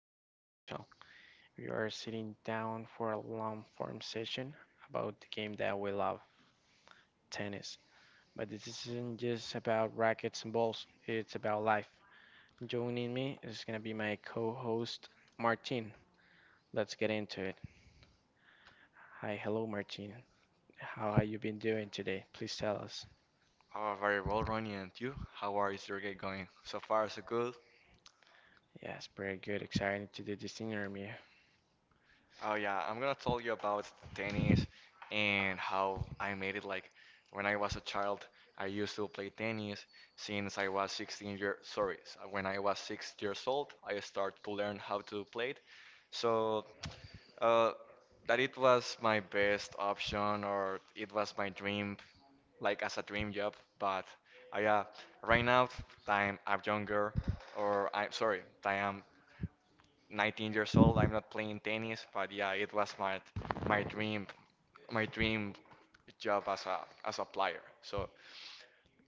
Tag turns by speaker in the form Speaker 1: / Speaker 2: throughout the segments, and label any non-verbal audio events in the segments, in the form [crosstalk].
Speaker 1: something special. We are sitting down for a long form session about the game that we love, tennis. But this isn't just about rackets and balls, it's about life. Joining me is going to be my co host, Martin. Let's get into it. Hi, hello, Martin. How have you been doing today? Please tell us.
Speaker 2: Oh, very well, Ronnie. And you? How are your day going? So far, so good.
Speaker 1: Yes, pretty good. Excited to do this interview.
Speaker 2: Oh yeah, I'm gonna tell you about the tennis and how I made it. Like when I was a child, I used to play tennis since I was 16 years. Sorry, when I was 6 years old, I started to learn how to play it. So Uh, that it was my best option or it was my dream, like as a dream job. But yeah, right now I'm younger, or I'm sorry, I am 19 years old. I'm not playing tennis, but yeah, it was my dream, my dream job as a player. So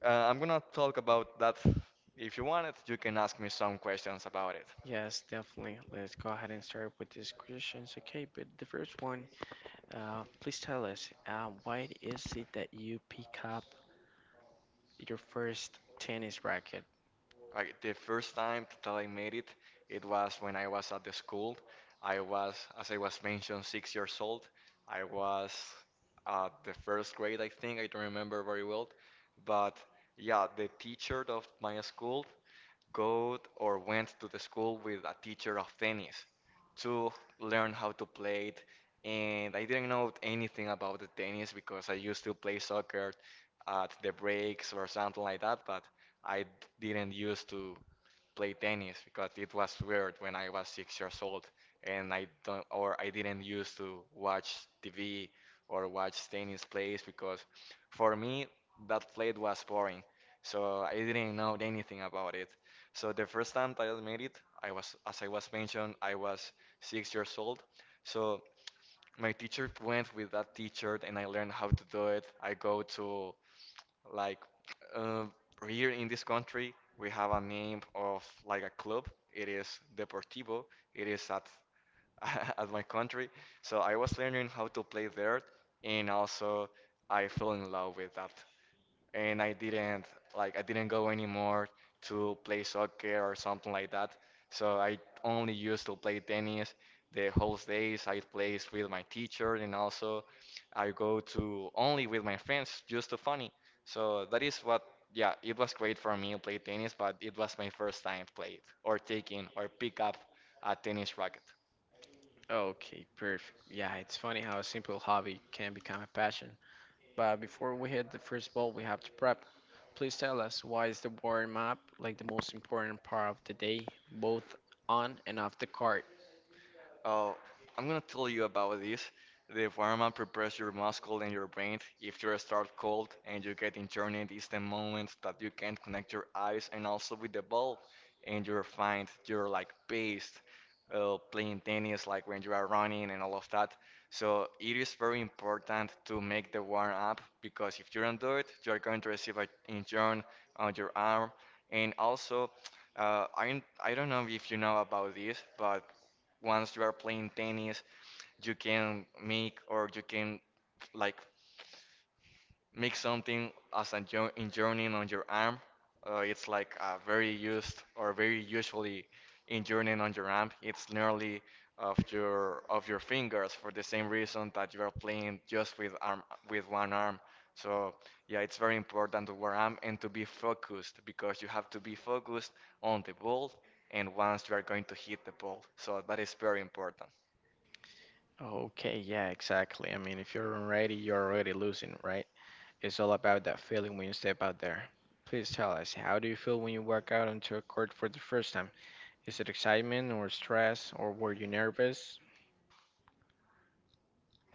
Speaker 2: I'm gonna talk about that. If you want it, you can ask me some questions about it.
Speaker 1: Yes, definitely. Let's go ahead and start with these questions. Okay, but the first one, please tell us, why is it that you pick up your first tennis racket?
Speaker 2: Like the first time that I made it, it was when I was at the school. I was, as I was mentioned, 6 years old. I was at the first grade, I think. I don't remember very well, but yeah, the teacher of my school go or went to the school with a teacher of tennis to learn how to play it. And I didn't know anything about the tennis because I used to play soccer at the breaks or something like that, but I didn't used to play tennis because it was weird when I was 6 years old and I don't or I didn't used to watch TV or watch tennis plays because for me that play was boring. So I didn't know anything about it. So the first time that I made it, I was, as I was mentioned, I was 6 years old. So my teacher went with that teacher, and I learned how to do it. I go to like uh, here in this country, we have a name of like a club. It is Deportivo. It is at [laughs] at my country. So I was learning how to play there, and also I fell in love with that and I didn't go anymore to play soccer or something like that. So I only used to play tennis the whole days. I played with my teacher and also I go to only with my friends just to funny. So that is what yeah, it was great for me to play tennis, but it was my first time played or taking or pick up a tennis racket.
Speaker 1: Okay, perfect. Yeah, it's funny how a simple hobby can become a passion. But before we hit the first ball, we have to prep. Please tell us, why is the warm up like the most important part of the day, both on and off the court?
Speaker 2: Oh, I'm gonna tell you about this. The environment prepares your muscle and your brain. If you start cold and you get injured, it's the moment that you can't connect your eyes and also with the ball, and you're fine. You're like paced, playing tennis, like when you are running and all of that. So it is very important to make the warm up because if you don't do it, you're going to receive an injury on your arm, and also. I don't know if you know about this, but once you are playing tennis, you can make or you can like make something as an enjoying on your arm. It's like a very used or very usually enjoying on your arm. It's nearly of your fingers for the same reason that you are playing just with arm with one arm. So yeah, it's very important to wear arm and to be focused because you have to be focused on the ball and once you are going to hit the ball. So that is very important.
Speaker 1: Okay, yeah, exactly. I mean, if you're unready, you're already losing, right? It's all about that feeling when you step out there. Please tell us, how do you feel when you walk out onto a court for the first time? Is it excitement or stress or were you nervous?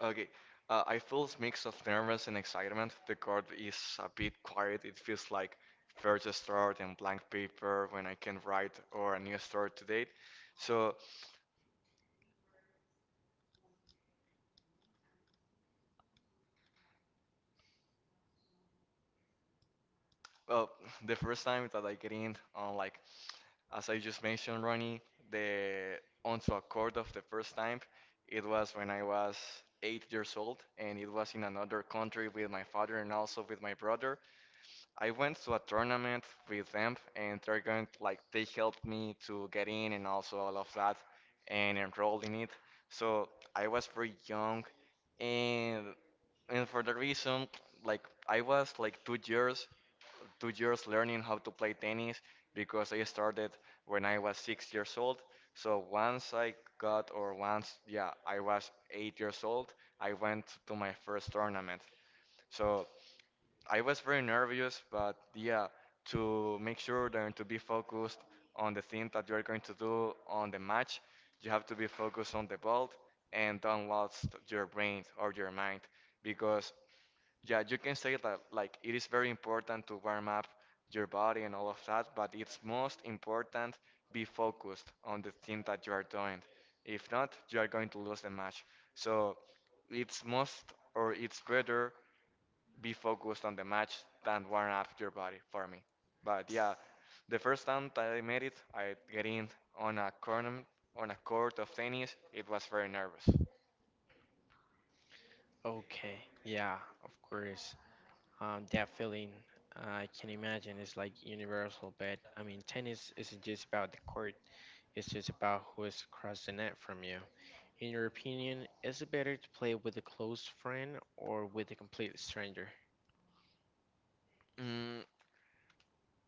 Speaker 2: Okay. I feel this mix of nervous and excitement. The card is a bit quiet. It feels like first start and blank paper when I can write or a new start to date. So, well, the first time that I get in on like, as I just mentioned, Ronnie, the onto a chord of the first time, it was when I was 8 years old, and it was in another country with my father and also with my brother. I went to a tournament with them, and they're going like they helped me to get in and also all of that, and enroll in it. So I was very young, and and for the reason like I was like two years learning how to play tennis because I started when I was 6 years old. So once I got or once yeah I was 8 years old, I went to my first tournament. So. I was very nervous, but yeah, to make sure and to be focused on the thing that you are going to do on the match, you have to be focused on the ball and don't lose your brain or your mind because yeah, you can say that like it is very important to warm up your body and all of that, but it's most important be focused on the thing that you are doing. If not, you are going to lose the match. So it's most or it's better be focused on the match than warm up your body for me. But yeah, the first time that I made it, I get in on a corner on a court of tennis. It was very nervous.
Speaker 1: Okay, yeah, of course. That feeling I can imagine is like universal, but I mean, tennis isn't just about the court, it's just about who's across the net from you. In your opinion, is it better to play with a close friend or with a complete stranger?
Speaker 2: Mm,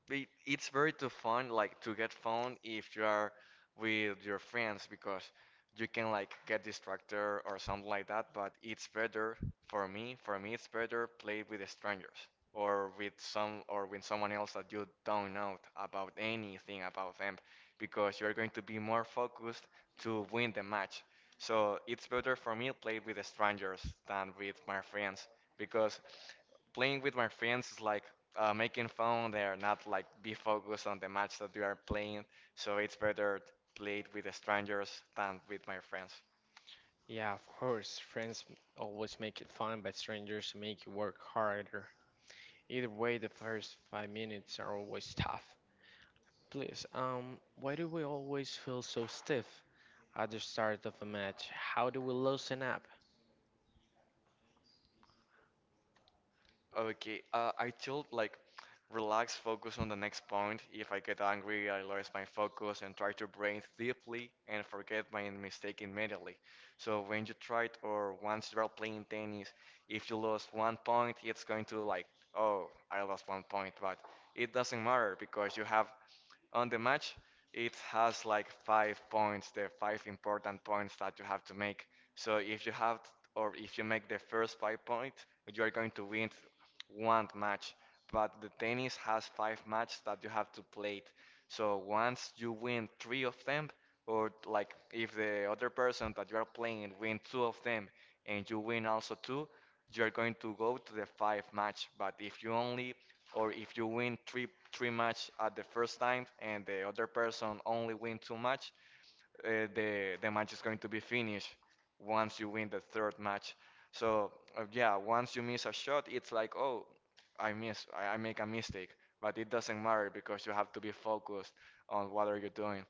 Speaker 2: it's very too fun like to get phone if you are with your friends because you can like get distracted or something like that, but it's better for me it's better play with strangers or with some or with someone else that you don't know about anything about them because you're going to be more focused to win the match, so it's better for me play with strangers than with my friends because playing with my friends is like making fun. They are not like be focused on the match that you are playing. So it's better played with strangers than with my friends.
Speaker 1: Yeah, of course, friends always make it fun, but strangers make you work harder. Either way, the first 5 minutes are always tough. Please, why do we always feel so stiff at the start of a match? How do we loosen up?
Speaker 2: Okay, I told like relax, focus on the next point. If I get angry, I lose my focus and try to breathe deeply and forget my mistake immediately. So when you try it or once you are playing tennis, if you lost 1 point, it's going to like, oh, I lost 1 point, but it doesn't matter because you have on the match, it has like 5 points, the five important points that you have to make. So if you have, or if you make the first 5 points, you are going to win one match. But the tennis has five matches that you have to play. So once you win three of them, or like if the other person that you are playing win two of them, and you win also two, you are going to go to the five match. But if you only or if you win three match at the first time and the other person only win two match, the match is going to be finished once you win the third match. So yeah, once you miss a shot, it's like oh, I make a mistake, but it doesn't matter because you have to be focused on what are you doing.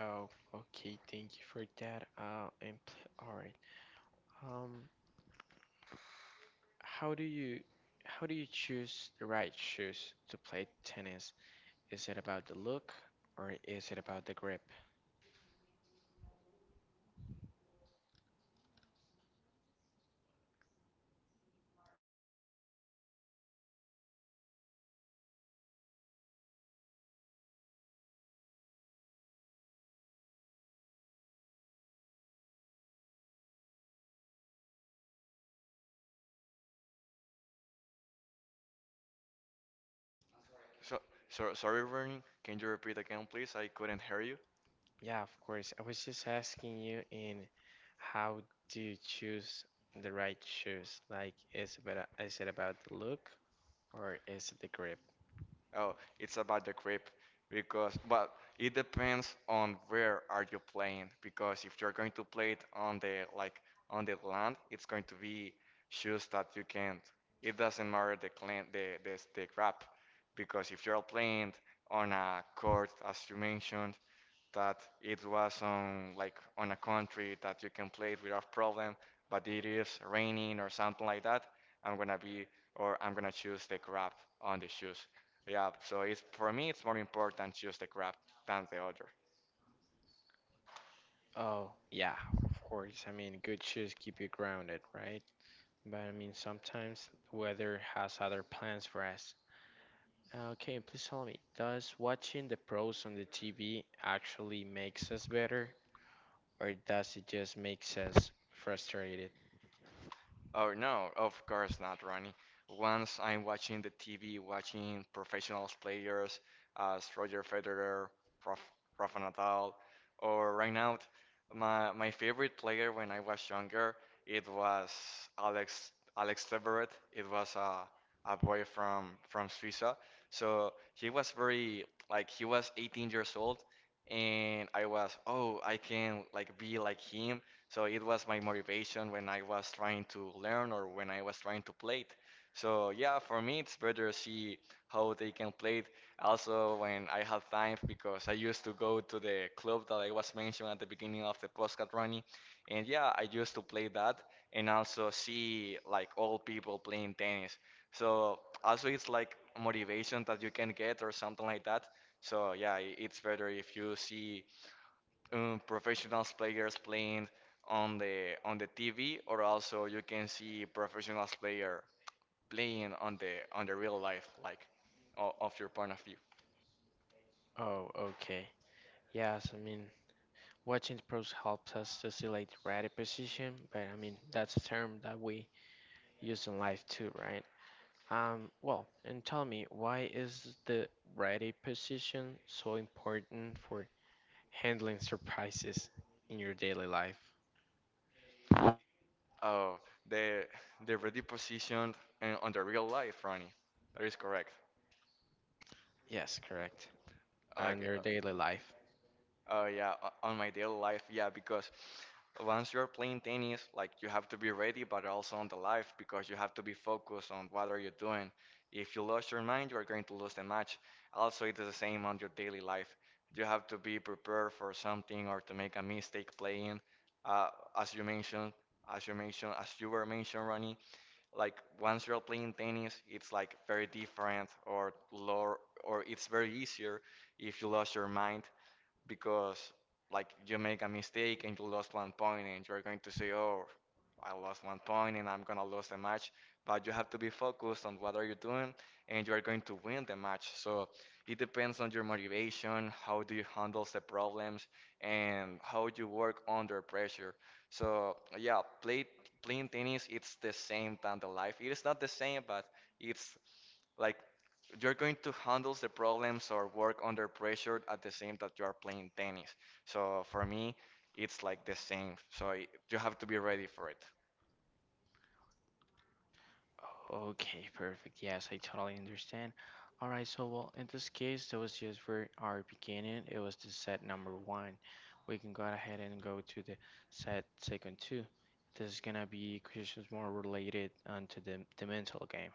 Speaker 1: Oh, okay, thank you for that. All right. Um, how do you how do you choose the right shoes to play tennis? Is it about the look or is it about the grip?
Speaker 2: So so sorry, Vernon, can you repeat again, please? I couldn't hear you.
Speaker 1: Yeah, of course. I was just asking you in how do you choose the right shoes? Like, is it about the look or is it the grip?
Speaker 2: Oh, it's about the grip because, but it depends on where are you playing. Because if you're going to play it on the land, it's going to be shoes that you can't. It doesn't matter the clan, the grab, because if you're playing on a court, as you mentioned, that it was on like on a country that you can play it without problem, but it is raining or something like that, I'm gonna be or I'm gonna choose the grab on the shoes. Yeah, so it's for me it's more important to use the grab than the other.
Speaker 1: Oh, yeah, of course. I mean, good shoes keep you grounded, right? But I mean, sometimes the weather has other plans for us. Okay, please tell me, does watching the pros on the TV actually makes us better, or does it just makes us frustrated?
Speaker 2: Oh no, of course not, Ronnie. Once I'm watching the TV, watching professional players as Roger Federer, Raf- Rafa Nadal, or right now, my favorite player when I was younger, it was Alex Alex Zverev. It was a boy from Suiza. So he was very like he was 18 years old, and I was oh I can like be like him so it was my motivation when I was trying to learn or when I was trying to play it. So yeah, for me it's better see how they can play it. Also when I have time because I used to go to the club that I was mentioning at the beginning of the podcast running. And yeah, I used to play that and also see like old people playing tennis. So also it's like motivation that you can get or something like that. So yeah, it's better if you see professional players playing on the TV, or also you can see professional player playing on the real life, like of your point of view.
Speaker 1: Oh, okay. Yes, I mean, watching pros helps us to select right position, but I mean that's a term that we use in life too, right? Well, and tell me why is the ready position so important for handling surprises in your daily life?
Speaker 2: Oh, the the ready position on the real life, Ronnie. That is correct.
Speaker 1: Yes, correct. And
Speaker 2: Like,
Speaker 1: your daily life.
Speaker 2: oh yeah, on my daily life, yeah, because once you're playing tennis, like you have to be ready, but also on the life because you have to be focused on what are you doing. If you lose your mind, you are going to lose the match. Also, it is the same on your daily life. You have to be prepared for something or to make a mistake playing. Uh, as you mentioned, as as you were mentioned, Ronnie, like once you're playing tennis, it's like very different or lower, or it's very easier if you lose your mind because like you make a mistake and you lost one point, and you're going to say, "Oh, I lost one point and I'm gonna lose the match." But you have to be focused on what are you doing and you are going to win the match. So it depends on your motivation, how do you handle the problems, and how you work under pressure. So yeah, playing tennis it's the same than the life. It is not the same, but it's like you're going to handle the problems or work under pressure at the same that you are playing tennis. So for me, it's like the same. So you have to be ready for it.
Speaker 1: Okay, perfect. Yes, I totally understand. All right, so well, in this case, that was just for our beginning. It was the set number one. We can go ahead and go to the set second two. This is gonna be questions more related onto the mental game.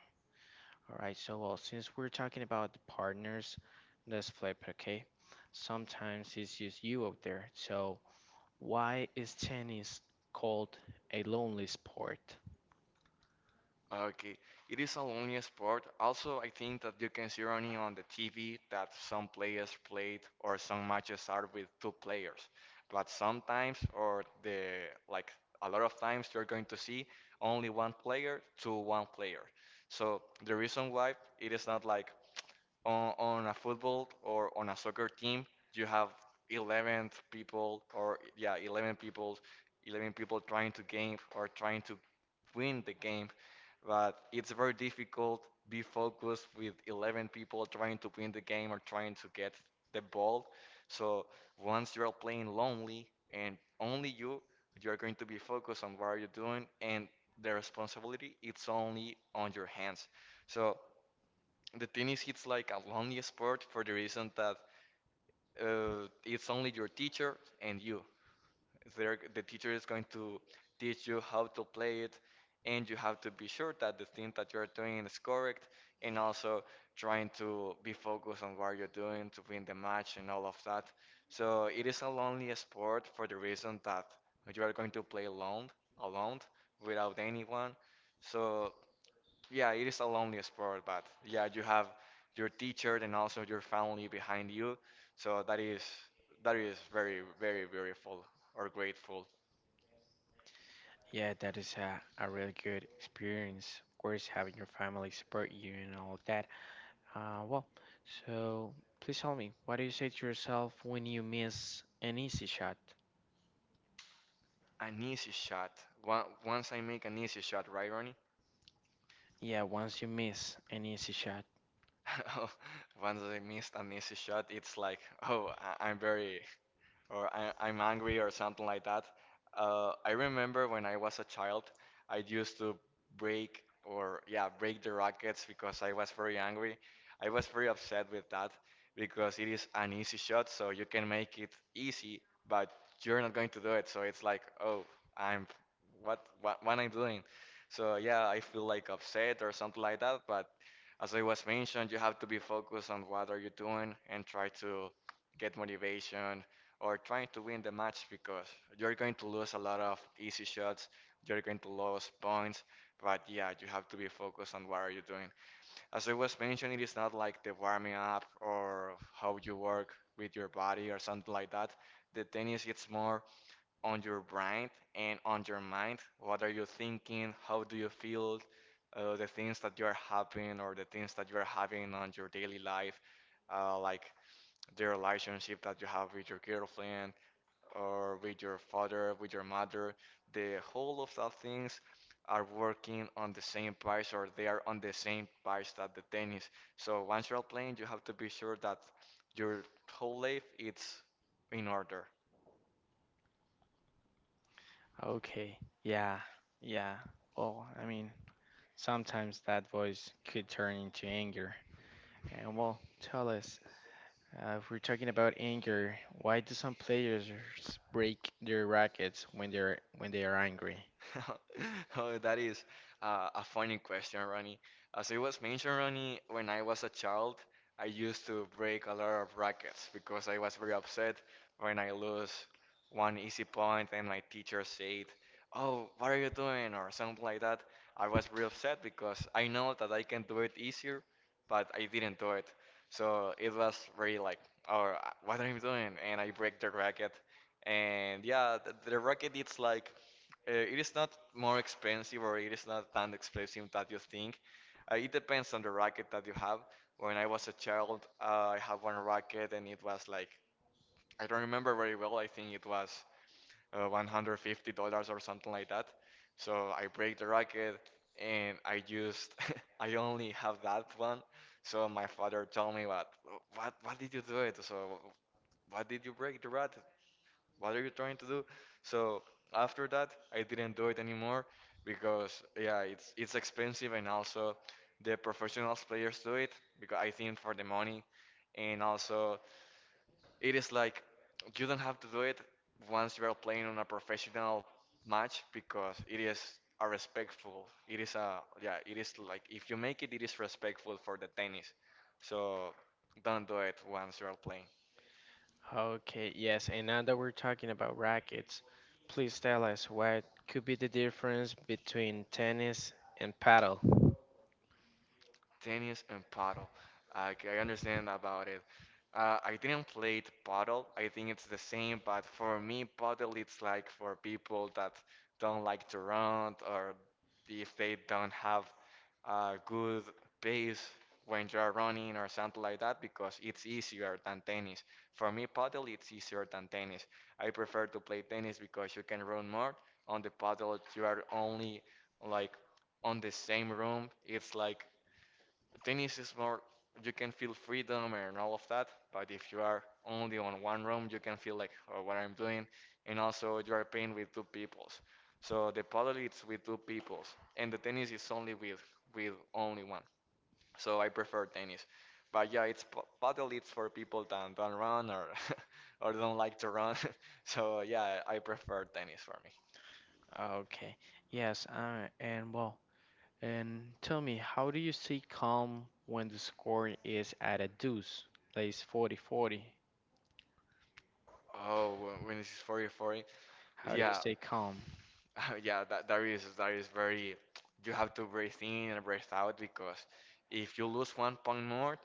Speaker 1: All right, so well, since we're talking about the partners, let's flip it, okay? Sometimes it's just you out there. So why is tennis called a lonely sport?
Speaker 2: Okay, it is a lonely sport. Also, I think that you can see only on the TV that some players played or some matches are with two players. But sometimes, or the like a lot of times, you're going to see only one player to one player. So the reason why it is not like on a football or on a soccer team, you have 11 people or, yeah, 11 people, 11 people trying to game or trying to win the game, but it's very difficult be focused with 11 people trying to win the game or trying to get the ball. So once you're playing lonely and only you, you're going to be focused on what you're doing, and the responsibility it's only on your hands. So the tennis it's like a lonely sport for the reason that it's only your teacher and you. There, the teacher is going to teach you how to play it, and you have to be sure that the thing that you're doing is correct, and also trying to be focused on what you're doing to win the match and all of that. So it is a lonely sport for the reason that you are going to play alone, alone, without anyone. So yeah, it is a lonely sport, but yeah, you have your teacher and also your family behind you. So that is very, very beautiful or grateful.
Speaker 1: Yeah, that is a really good experience. Of course, having your family support you and all that. Well, so please tell me, what do you say to yourself when you miss an easy shot?
Speaker 2: An easy shot. Once I make an easy shot, right, Ronnie?
Speaker 1: Yeah, once you miss an easy shot.
Speaker 2: [laughs] Once I missed an easy shot, it's like, oh, I'm very, or I'm angry, or something like that. I remember when I was a child, I used to break, or yeah, break the rackets because I was very angry. I was very upset with that because it is an easy shot, so you can make it easy, but you're not going to do it. So it's like, oh, I'm what am I doing? So yeah, I feel like upset or something like that. But as I was mentioned, you have to be focused on what are you doing and try to get motivation or trying to win the match, because you're going to lose a lot of easy shots, you're going to lose points, but yeah, you have to be focused on what are you doing. As I was mentioning, it is not like the warming up or how you work with your body or something like that. The tennis it's more on your brain and on your mind. What are you thinking? How do you feel? The things that you are having, or the things that you are having on your daily life, like the relationship that you have with your girlfriend, or with your father, with your mother, the whole of the things are working on the same price, or they are on the same price that the tennis. So once you're playing, you have to be sure that your whole life is in order.
Speaker 1: Okay. Yeah. Yeah. Well, I mean, sometimes that voice could turn into anger. And well, tell us, if we're talking about anger, why do some players break their rackets when they are angry?
Speaker 2: [laughs] Oh, that is a funny question, Ronnie. As it was mentioned, Ronnie, when I was a child, I used to break a lot of rackets because I was very upset when I lose one easy point, and my teacher said, "Oh, what are you doing?" or something like that. I was real upset because I know that I can do it easier, but I didn't do it. So it was really like, "Oh, what are you doing?" and I break the racket, and yeah, the racket it's like, it is not more expensive, or it is not that expensive that you think. It depends on the racket that you have. When I was a child, I had one racket and it was like, I don't remember very well. I think it was $150 or something like that. So I break the racket and I used, [laughs] I only have that one. So my father told me, what did you do it? So why did you break the racket? What are you trying to do? So after that, I didn't do it anymore, because yeah, it's expensive, and also the professional players do it because I think for the money, and also it is like you don't have to do it once you are playing on a professional match, because it is a respectful, it is a yeah, it is like, if you make it, it is respectful for the tennis, so don't do it once you are playing
Speaker 1: Okay, yes, and now that we're talking about rackets, please tell us what could be the difference between tennis and paddle.
Speaker 2: tennis. And paddle. Okay, I understand about it. I didn't play it paddle. I think it's the same, but for me, paddle it's like for people that don't like to run, or if they don't have a good pace when you're running or something like that, because it's easier than tennis. For me, paddle it's easier than tennis. I prefer to play tennis because you can run more. On the paddle, you are only like on the same room. It's like the thing is more you can feel freedom and all of that, but if you are only on one room, you can feel like, oh, what I'm doing, and also you are playing with two peoples. So the paddle it's with two peoples, and the tennis is only with only one. So I prefer tennis, but yeah, it's paddle it's for people that don't run, or [laughs] or don't like to run. [laughs] So yeah, I prefer tennis for me.
Speaker 1: Okay, yes, and well, and tell me, how do you stay calm when the score is at a deuce, like it's 40-40?
Speaker 2: Oh, when this is 40-40.
Speaker 1: How do you
Speaker 2: Yeah,
Speaker 1: stay calm?
Speaker 2: [laughs] yeah, that is very. You have to breathe in and breathe out, because if you lose one point more,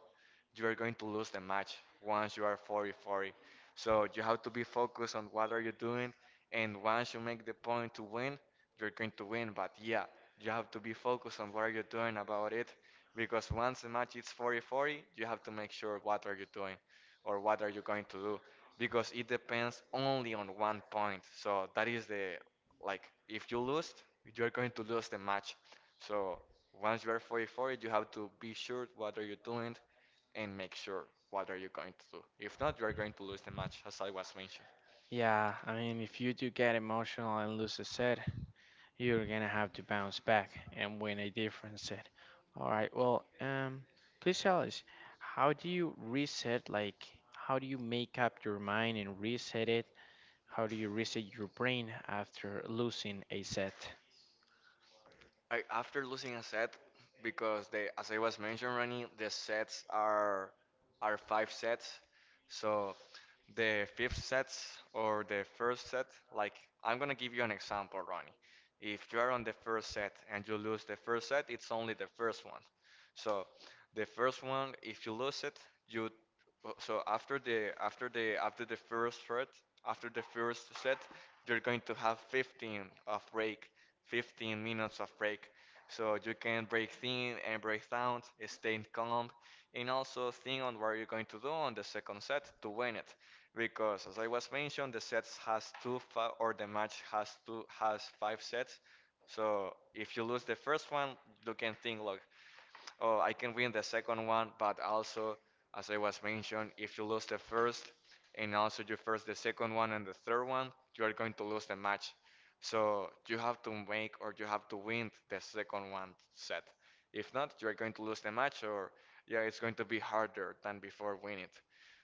Speaker 2: you are going to lose the match once you are 40-40. So you have to be focused on what are you doing, and once you make the point to win, you're going to win. But yeah, you have to be focused on what are you doing about it, because once the match is 40-40, you have to make sure what are you doing, or what are you going to do, because it depends only on one point. So that is the, like, if you lose, you are going to lose the match. So once you are 40-40, you have to be sure what are you doing and make sure what are you going to do. If not, you are going to lose the match, as I was mentioned.
Speaker 1: Yeah, I mean, if you do get emotional and lose a set, you're gonna have to bounce back and win a different set. All right. Well, please tell us, how do you reset? Like, how do you make up your mind and reset it? How do you reset your brain after losing a set?
Speaker 2: After losing a set, because as I was mentioning, Ronnie, the sets are five sets. So the fifth sets or the first set, like I'm gonna give you an example, Ronnie. If you are on the first set and you lose the first set, it's only the first one. So the first one, if you lose it, you well, so after the first set, after the first set, you're going to have 15 of break, 15 minutes of break. So you can break in and break down, stay calm, and also think on what you're going to do on the second set to win it. Because as I was mentioned, the sets has two fi or the match has two has five sets. So if you lose the first one, you can think, look, oh, I can win the second one, but also, as I was mentioned, if you lose the first and also you first the second one and the third one, you are going to lose the match. So you have to make or you have to win the second one set. If not, you are going to lose the match, or yeah, it's going to be harder than before winning it.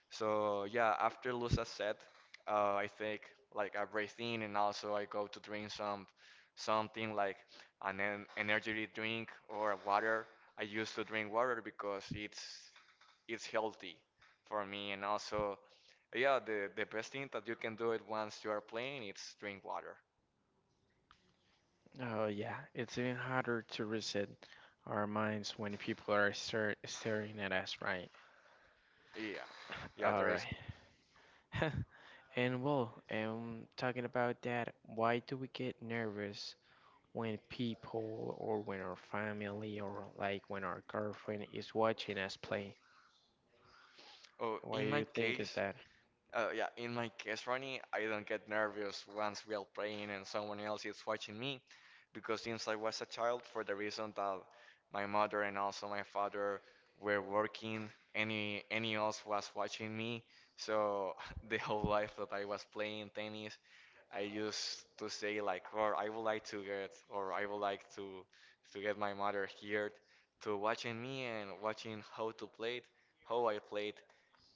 Speaker 2: So yeah, after Lusa set, I think like I breathe in and also I go to drink something like an en energy drink or water. I used to drink water because it's healthy for me, and also yeah, the best thing that you can do it once you are playing it's drink water.
Speaker 1: Oh yeah, it's even harder to reset our minds when people are staring at us, right?
Speaker 2: Yeah. Yeah,
Speaker 1: All
Speaker 2: there is.
Speaker 1: right. [laughs] And well, talking about that, why do we get nervous when people or when our family or like when our girlfriend is watching us play.
Speaker 2: Oh,
Speaker 1: What do
Speaker 2: in my
Speaker 1: you think is
Speaker 2: case,
Speaker 1: that?
Speaker 2: Yeah, in my case, Ronnie, I don't get nervous once we are playing and someone else is watching me, because since I was a child, for the reason that my mother and also my father were working, any else was watching me. So [laughs] the whole life that I was playing tennis, I used to say like, or I would like to get, or I would like to get my mother here to watching me and watching how to play it, how I played,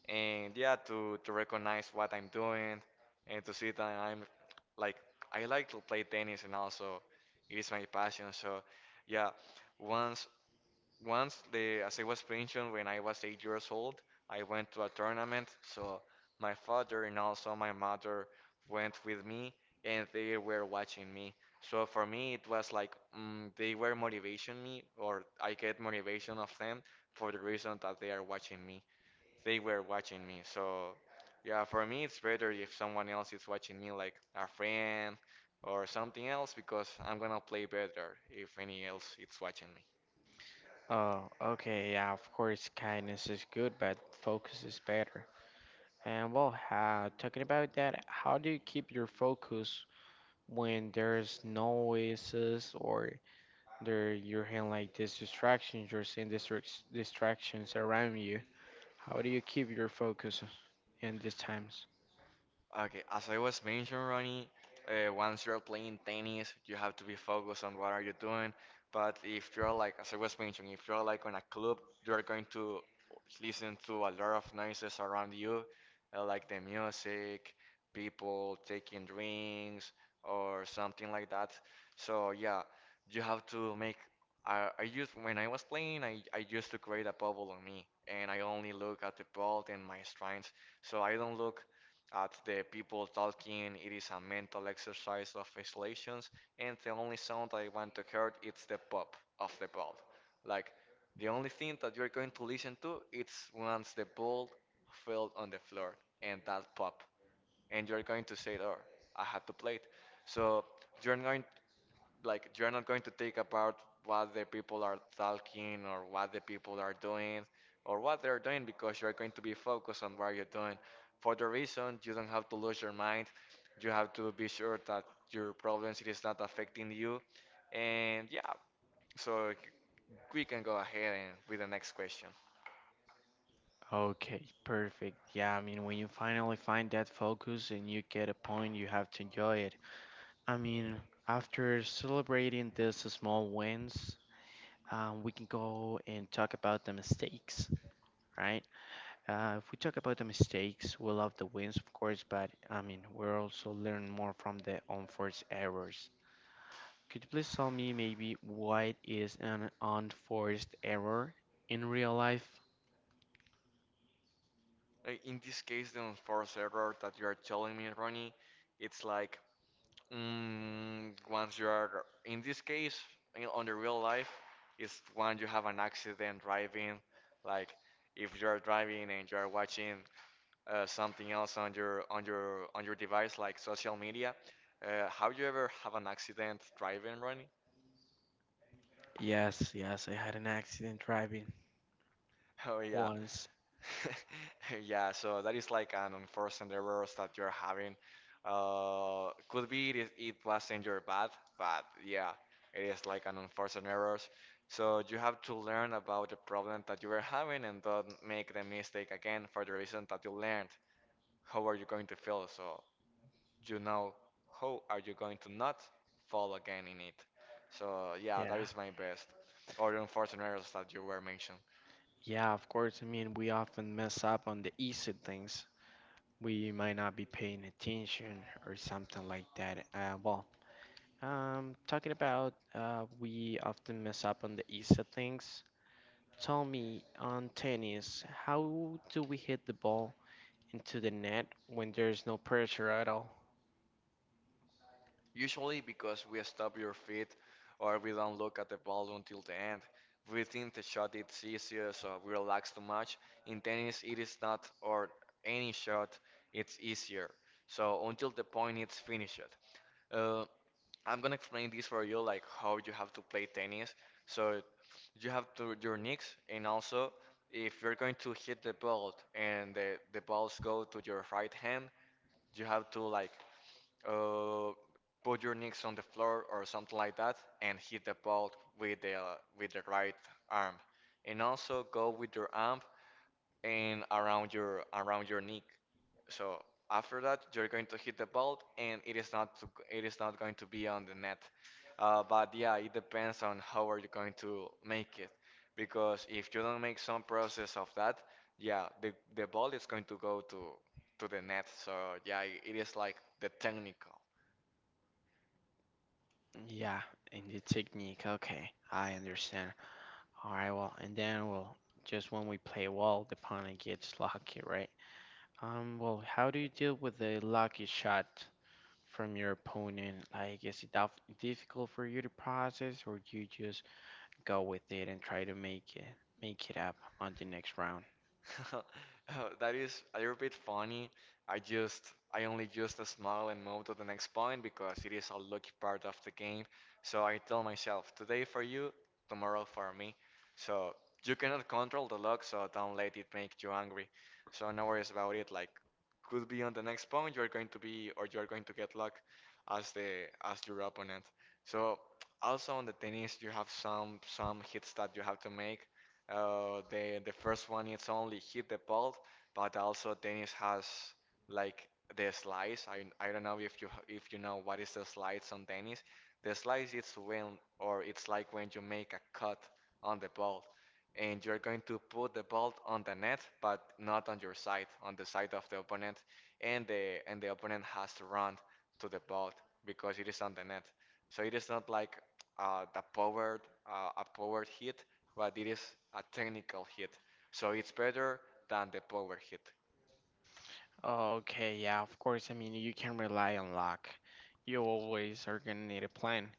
Speaker 2: and yeah to recognize what I'm doing and to see that I'm like I like to play tennis, and also it is my passion. So yeah, once once the as I was mentioned, when I was 8 years old, I went to a tournament. So my father and also my mother went with me, and they were watching me. So for me it was like they were motivation me, or I get motivation of them for the reason that they are watching me, they were watching me. So yeah, for me it's better if someone else is watching me, like a friend or something else, because I'm gonna play better if any else is watching me.
Speaker 1: Oh, okay, yeah, of course, kindness is good, but focus is better. And well, talking about that, how do you keep your focus when there's noises or there you're hearing like these distractions, you're seeing distractions around you? How do you keep your focus in these times?
Speaker 2: Okay, as I was mentioning, Ronnie, once you're playing tennis, you have to be focused on what are you doing. But if you're like, as I was mentioning, if you're like on a club, you're going to listen to a lot of noises around you, like the music, people taking drinks, or something like that. So yeah, you have to make. I used when I was playing, I used to create a bubble on me, and I only look at the ball and my strengths. So I don't look at the people talking. It is a mental exercise of isolations, and the only sound I want to hear is the pop of the ball. Like the only thing that you're going to listen to is once the ball fell on the floor and that pop, and you're going to say, "Oh, I had to play it." So you're going like you're not going to think about what the people are talking, or what the people are doing, or what they're doing, because you're going to be focused on what you're doing. For the reason, you don't have to lose your mind, you have to be sure that your problems it is not affecting you. And yeah, so we can go ahead and with the next question.
Speaker 1: Okay, perfect. Yeah, I mean, when you finally find that focus and you get a point, you have to enjoy it. I mean, after celebrating these small wins, we can go and talk about the mistakes, right? If we talk about the mistakes, we love the wins, of course, but I mean, we're also learn more from the unforced errors. Could you please tell me maybe what is an unforced error in real life?
Speaker 2: In this case, the enforced error that you are telling me, Ronnie, it's like once you are, in this case, on the real life, is when you have an accident driving. Like if you are driving and you are watching something else on your device, like social media. Have you ever have an accident driving, Ronnie? [laughs]
Speaker 1: Yes, yes, I had an accident driving
Speaker 2: Oh yeah,
Speaker 1: once.
Speaker 2: [laughs] yeah, so that is like an unforced errors that you're having. Could be it wasn't your bad, but yeah, it is like an unforced errors. So you have to learn about the problem that you were having and don't make the mistake again for the reason that you learned. How are you going to feel? So you know how are you going to not fall again in it. So yeah, that
Speaker 1: Yeah.
Speaker 2: is my best or unforced errors that you were mentioned.
Speaker 1: Yeah, of course. I mean, we often mess up on the easy things. We might not be paying attention or something like that. Well, talking about we often mess up on the easy things. Tell me on tennis, how do we hit the ball into the net when there's no pressure at all?
Speaker 2: Usually because we stop your feet or we don't look at the ball until the end, we think the shot is easier, so we relax too much. In tennis, it is not, or any shot, it's easier. So until the point it's finished. Uh, I'm gonna explain this for you, like how you have to play tennis. So you have to your knees, and also if you're going to hit the ball and the balls go to your right hand, you have to like uh, put your knees on the floor or something like that and hit the ball with the right arm, and also go with your arm and around your neck. So after that, you're going to hit the ball, and it is not to, it is not going to be on the net. But yeah, it depends on how are you going to make it, because if you don't make some process of that, yeah, the ball is going to go to the net. So yeah, it is like the technical.
Speaker 1: Yeah, and the technique. Okay, I understand. All right, well, and then well, just when we play well, the opponent gets lucky, right? Well, how do you deal with a lucky shot from your opponent? Like, is it difficult for you to process, or you just go with it and try to make it up on the next round?
Speaker 2: [laughs] Oh, that is a little bit funny. I only just smile and move to the next point because it is a lucky part of the game. So I tell myself, today for you, tomorrow for me. So you cannot control the luck, so don't let it make you angry. So no worries about it. Like, could be on the next point you are going to be, or you are going to get luck as the as your opponent. So also on the tennis, you have some hits that you have to make. The first one is only hit the ball, but also Dennis has like the slice. I don't know if you know what is the slice on Dennis. The slice is when or it's like when you make a cut on the ball, and you're going to put the ball on the net, but not on your side, on the side of the opponent, and the opponent has to run to the ball because it is on the net. So it is not like the powered a powered hit, but it is a technical hit, so it's better than the power hit.
Speaker 1: Okay, yeah, of course. I mean, you can rely on luck. You always are gonna need a plan.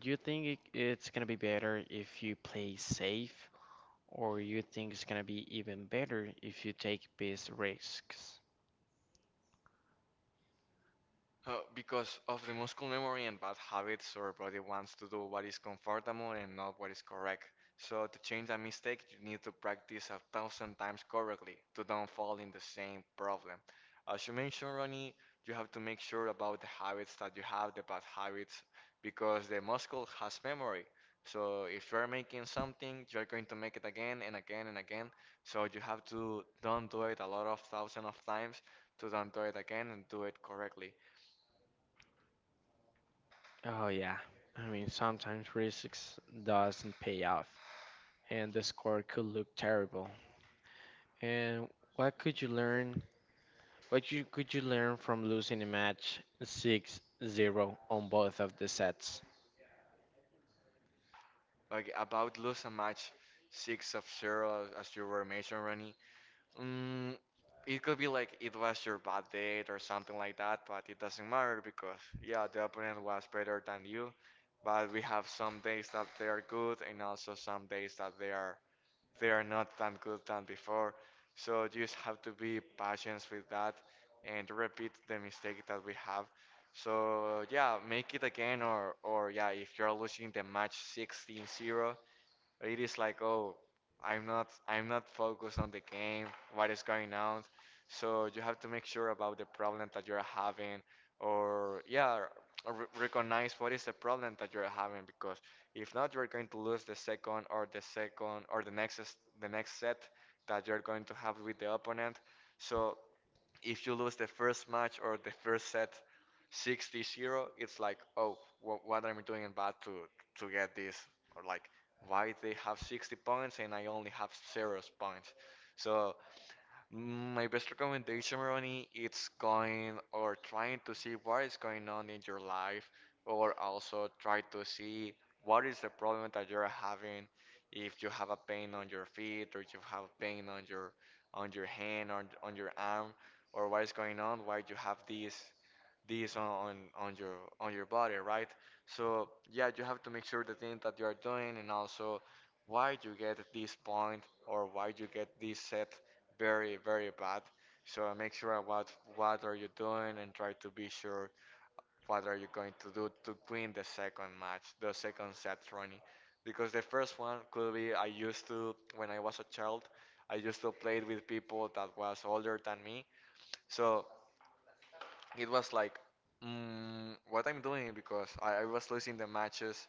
Speaker 1: Do you think it's gonna be better if you play safe, or you think it's gonna be even better if you take big risks?
Speaker 2: Because of the muscle memory and bad habits, our body wants to do what is comfortable and not what is correct. So to change a mistake, you need to practice 1,000 times correctly to don't fall in the same problem. As you mentioned, Ronnie, you have to make sure about the habits that you have, the bad habits, because the muscle has memory. So if you're making something, you're going to make it again and again and again. So you have to don't do it a lot of thousand of times to don't do it again and do it correctly.
Speaker 1: Oh yeah. I mean, sometimes risks doesn't pay off, and the score could look terrible. And what could you learn? What you could you learn from losing a match 6-0 on both of the sets?
Speaker 2: Okay, about lose a match 6-0 as you were mentioning, Ronnie. Mm, it could be like it was your bad date or something like that, but it doesn't matter because yeah, the opponent was better than you. But we have some days that they are good and also some days that they are not that good than before. So you just have to be patient with that and repeat the mistake that we have. So yeah, make it again or yeah, if you're losing the match 16-0. It is like, oh, I'm not focused on the game, what is going on. So you have to make sure about the problem that you're having, or yeah, re recognize what is the problem that you're having, because if not, you're going to lose the second or the second or the next the next set that you're going to have with the opponent. So if you lose the first match or the first set 60-0, it's like, oh, what am I doing bad to get this, or like why they have 60 points and I only have 0 points. So my best recommendation, Ronnie, it's going or trying to see what is going on in your life, or also try to see what is the problem that you're having. If you have a pain on your feet, or if you have pain on your hand, on your arm, or what is going on, why you have this on your body, right? So yeah, you have to make sure the thing that you are doing, and also why you get this point, or why you get this set very, very bad. So I make sure about what are you doing and try to be sure what are you going to do to win the second match, the second set, Ronnie. Because the first one could be I used to, when I was a child, I used to play with people that was older than me. So it was like what I'm doing because I was losing the matches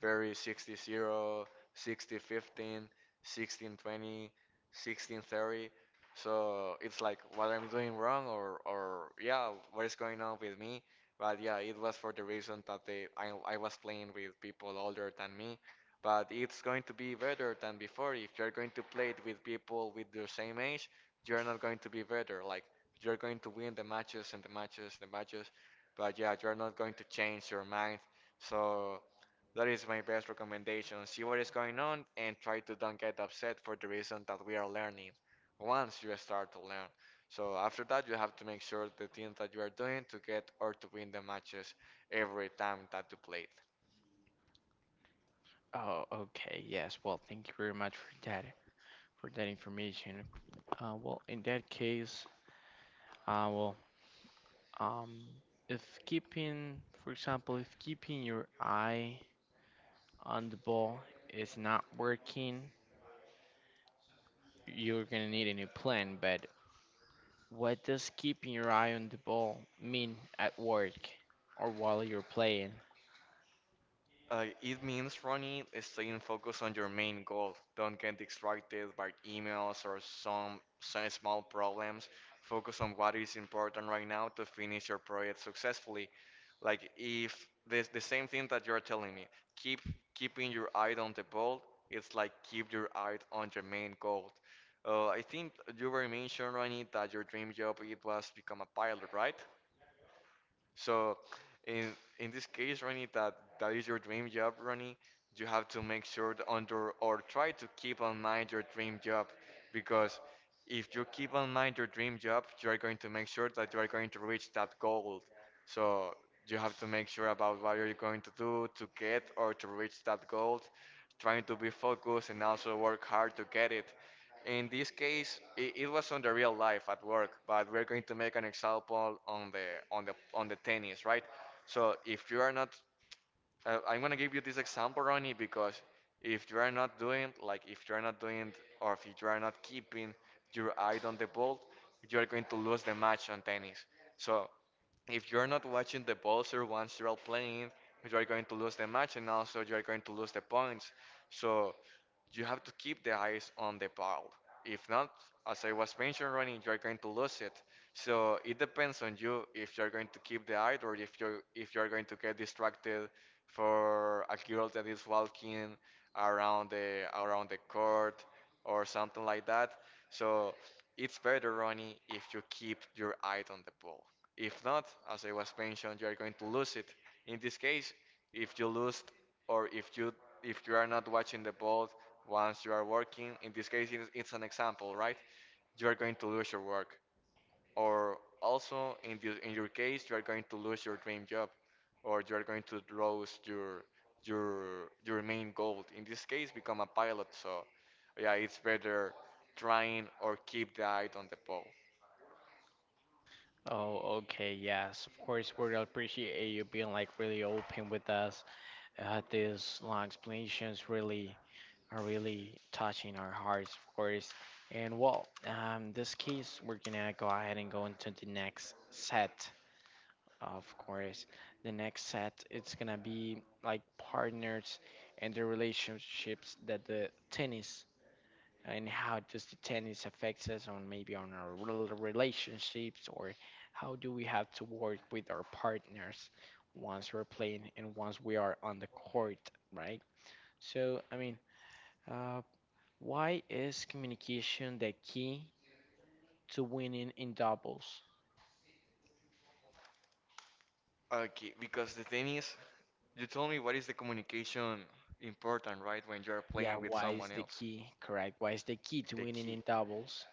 Speaker 2: very 60-0, 60-15, 16-20, 16-30. So it's like what I'm doing wrong or yeah, what is going on with me. But yeah, it was for the reason that I was playing with people older than me. But it's going to be better than before. If you're going to play it with people with your same age, you're not going to be better. Like you're going to win the matches and the matches and the matches, but yeah, you're not going to change your mind. So that is my best recommendation. See what is going on and try to don't get upset for the reason that we are learning once you start to learn. So after that, you have to make sure the things that you are doing to get or to win the matches every time that you play.
Speaker 1: Oh, okay. Yes. Well, thank you very much for that information. Well, in that case, uh, well, um, if keeping, for example, if keeping your eye on the ball is not working, you're gonna need a new plan, but what does keeping your eye on the ball mean at work or while you're playing?
Speaker 2: It means, Ronnie, staying focused on your main goal. Don't get distracted by emails or some small problems. Focus on what is important right now to finish your project successfully. Like if this the same thing that you're telling me, keep keeping your eye on the ball. It's like keep your eye on your main goal. I think you were mentioning, Ronnie, that your dream job it was become a pilot, right? So in in this case, Ronnie, that is your dream job, Ronnie. You have to make sure that under or try to keep in mind your dream job, because if you keep in mind your dream job, you are going to make sure that you are going to reach that goal. So you have to make sure about what you're going to do to get or to reach that goal, trying to be focused and also work hard to get it. In this case, it was on the real life at work, but we're going to make an example on the on the on the tennis, right? So if you are not, I'm gonna give you this example, Ronnie, because if you are not doing, like if you are not doing or if you are not keeping your eye on the ball, you are going to lose the match on tennis. So if you're not watching the buzzer once you're all playing, you are going to lose the match and also you are going to lose the points. So you have to keep the eyes on the ball. If not, as I was mentioning, running, you're going to lose it. So it depends on you if you're going to keep the eye or if you're going to get distracted for a girl that is walking around the court or something like that. So it's better, running, if you keep your eye on the ball. If not, as I was mentioning, you're going to lose it. In this case, if you lose or if you are not watching the ball once you are working, in this case it's an example, right? You are going to lose your work. Or also in the, in your case you are going to lose your dream job or you are going to lose your main goal. In this case become a pilot, so yeah, it's better trying or keep the eye on the ball.
Speaker 1: Oh, okay, yes, of course, we really appreciate you being like really open with us. These long explanations really are really touching our hearts, of course. And well, this case, we're gonna go ahead and go into the next set. Of course. The next set, it's gonna be like partners and the relationships that the tennis and how does the tennis affects us on maybe on our relationships or how do we have to work with our partners once we're playing and once we are on the court, right? So, I mean, uh, why is communication the key to winning in doubles?
Speaker 2: Okay, because the thing is, you told me what is the communication important, right, when you are
Speaker 1: Yeah,
Speaker 2: playing with
Speaker 1: why is
Speaker 2: someone
Speaker 1: the
Speaker 2: else.
Speaker 1: key correct? Why is the key to
Speaker 2: The
Speaker 1: winning in
Speaker 2: key.
Speaker 1: doubles?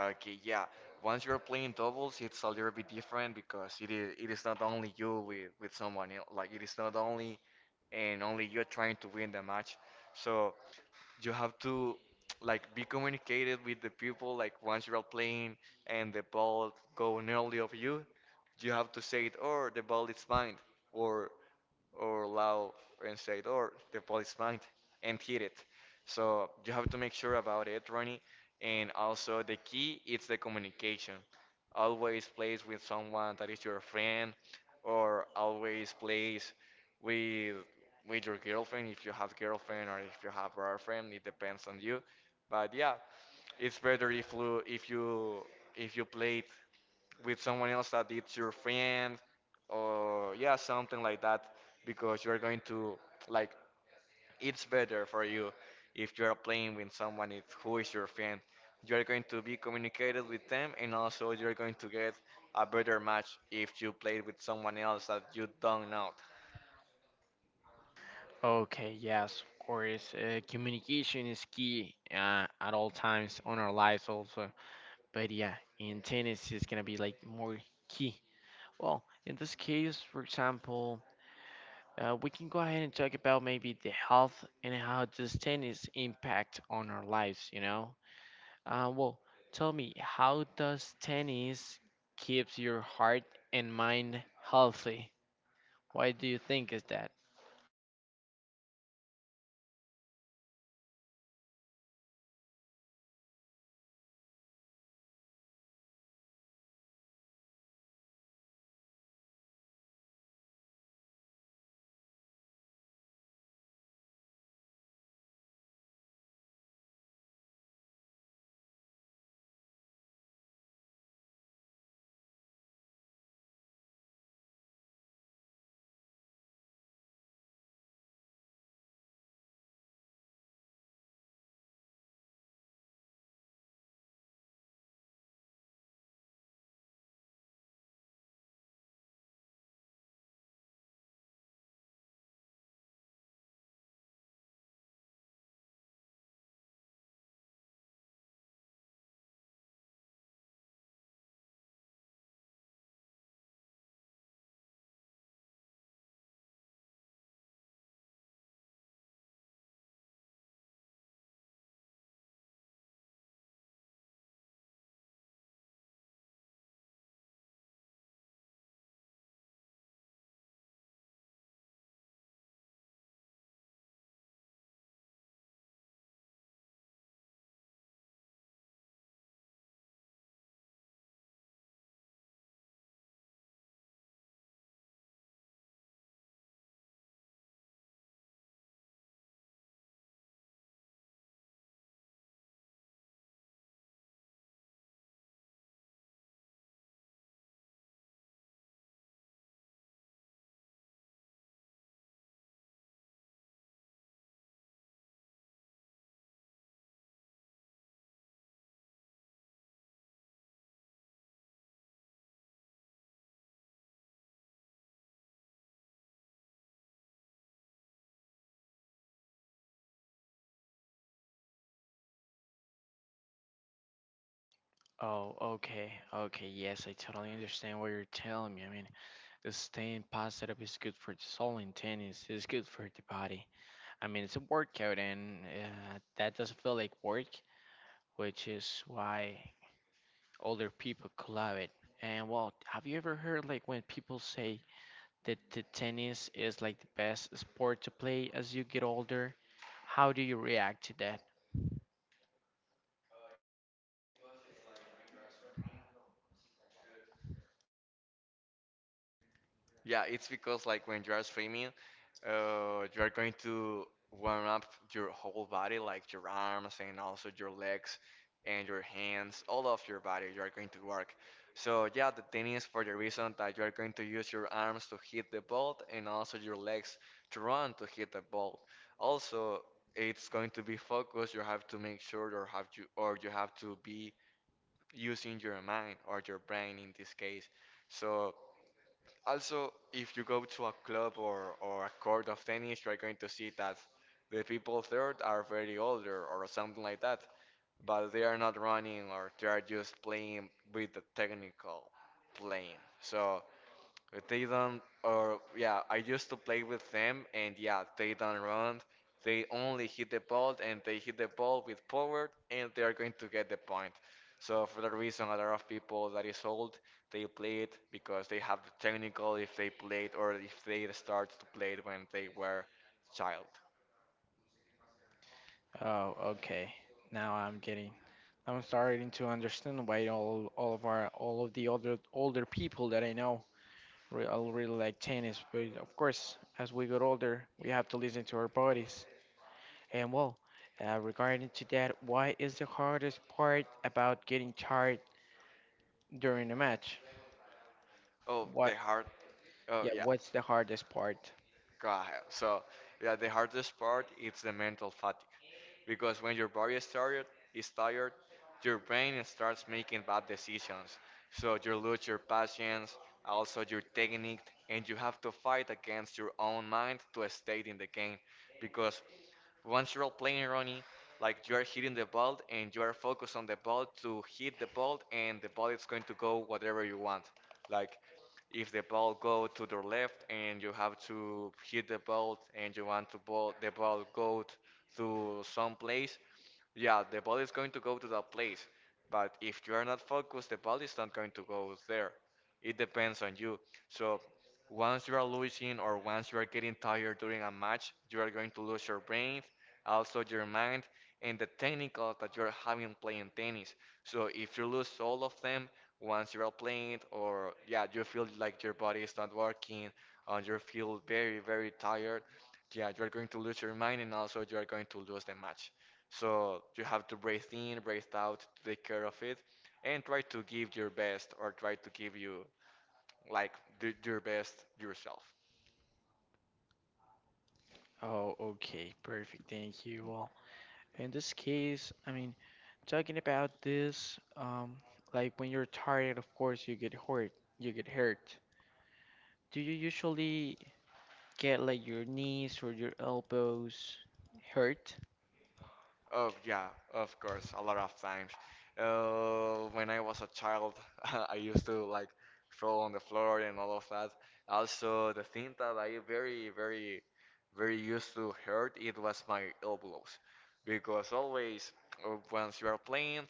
Speaker 2: Okay, yeah. Once you're playing doubles, it's a little bit different because it is not only you with someone else. Like it is not only and only you trying to win the match. So you have to like be communicated with the people like once you're playing and the ball go nearly of you have to say it, or the ball is mine, or or loud and say it, or the ball is mine and hit it. So you have to make sure about it, Ronnie, and also the key is the communication. Always plays with someone that is your friend, or always plays with with your girlfriend if you have girlfriend, or if you have boyfriend, it depends on you. But yeah, it's better if you if you played with someone else that it's your friend, or yeah, something like that, because you're going to like it's better for you if you're playing with someone who is your friend. You're going to be communicated with them and also you're going to get a better match if you play with someone else that you don't know.
Speaker 1: Okay, yes, of course. Communication is key at all times on our lives, also. But yeah, in tennis, it's gonna be like more key. Well, in this case, for example, we can go ahead and talk about maybe the health and how does tennis impact on our lives, you know? Well, tell me, how does tennis keeps your heart and mind healthy? Why do you think is that? Oh, okay. Okay, yes, I totally understand what you're telling me. I mean, the staying positive is good for the soul and tennis is good for the body. I mean, it's a workout and that doesn't feel like work, which is why older people could love it. And well, have you ever heard like when people say that the tennis is like the best sport to play as you get older? How do you react to that?
Speaker 2: Yeah, it's because like when you are streaming, you are going to warm up your whole body, like your arms and also your legs and your hands, all of your body. You are going to work. So yeah, the tennis for the reason that you are going to use your arms to hit the ball and also your legs to run to hit the ball. Also, it's going to be focused. You have to make sure or have you or you have to be using your mind or your brain in this case. So. Also, if you go to a club or a court of tennis, you're going to see that the people there are very older or something like that, but they are not running or they are just playing with the technical playing. So they don't, or yeah, I used to play with them, and yeah, they don't run. They only hit the ball, and they hit the ball with power, and they are going to get the point. So for that reason, a lot of people that is old, they play it because they have the technical if they played or if they started to play it when they were child.
Speaker 1: Oh, okay. Now I'm starting to understand why all of the older people that I know all really like tennis. But of course, as we get older, we have to listen to our bodies. And well, regarding to that, why is the hardest part about getting tired during a match?
Speaker 2: Oh, the
Speaker 1: What?
Speaker 2: hard. Oh
Speaker 1: Yeah,
Speaker 2: yeah.
Speaker 1: what's the hardest part?
Speaker 2: God. So yeah, the hardest part is the mental fatigue, because when your body is tired, is tired, your brain starts making bad decisions. So you lose your patience, also your technique, and you have to fight against your own mind to stay in the game, because once you're playing running, like you are hitting the ball and you are focused on the ball to hit the ball and the ball is going to go whatever you want. Like if the ball go to the left and you have to hit the ball and you want to ball the ball go to some place, yeah, the ball is going to go to that place. But if you are not focused, the ball is not going to go there, it depends on you. So once you are losing or once you are getting tired during a match, you are going to lose your brain, also your mind and the technical that you're having playing tennis. So if you lose all of them once you're out playing, or yeah, you feel like your body is not working or you feel very very tired, yeah, you're going to lose your mind and also you are going to lose the match. So you have to breathe in, breathe out, take care of it, and try to give your best or try to give you like do your best yourself.
Speaker 1: Oh, okay, perfect. Thank you all. In this case, I mean, talking about this, like when you're tired, of course you get hurt. You get hurt. Do you usually get like your knees or your elbows hurt?
Speaker 2: Oh yeah, of course, a lot of times. When I was a child, [laughs] I used to like throw on the floor and all of that. Also, the thing that I very, very, very used to hurt it was my elbows, because always once you are playing,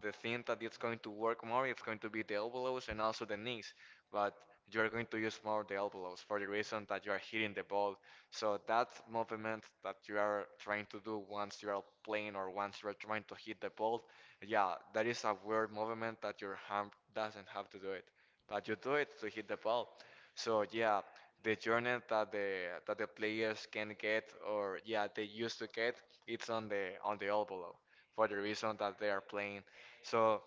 Speaker 2: the thing that it's going to work more, it's going to be the elbows and also the knees, but you are going to use more the elbows for the reason that you are hitting the ball. So that movement that you are trying to do once you are playing or once you are trying to hit the ball, yeah, that is a weird movement that your hand doesn't have to do it, but you do it to hit the ball. So yeah, the journey that the players can get, or yeah, they used to get, it's on the elbow for the reason that they are playing. So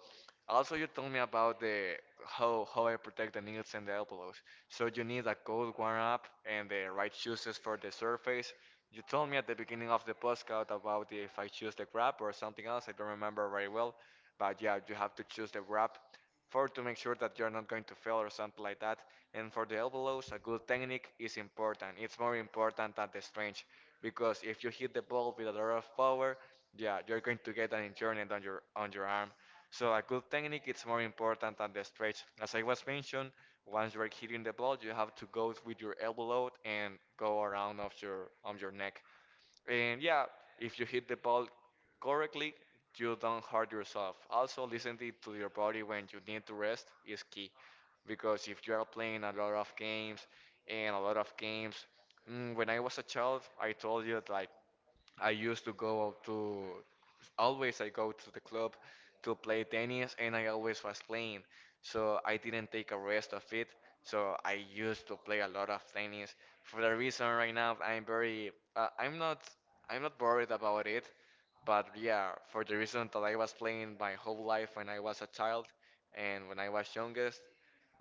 Speaker 2: also, you told me about the how I protect the knees and the elbows. So you need a good warm up and the right shoes for the surface. You told me at the beginning of the postcard about if I choose the grab or something else. I don't remember very well, but yeah, you have to choose the grab for to make sure that you're not going to fail or something like that. And for the elbows, a good technique is important. It's more important than the strength, because if you hit the ball with a lot of power, yeah, you're going to get an injury on your arm. So a good technique is more important than the stretch. As I was mentioned, once you're hitting the ball, you have to go with your elbow out and go around of your on your neck. And yeah, if you hit the ball correctly, you don't hurt yourself. Also, listening to your body when you need to rest is key, because if you are playing a lot of games and a lot of games, when I was a child, I told you like I used to go to always I go to the club to play tennis, and I always was playing. So I didn't take a rest of it. So I used to play a lot of tennis. For the reason right now I'm very I'm not worried about it, but yeah, for the reason that I was playing my whole life when I was a child and when I was youngest,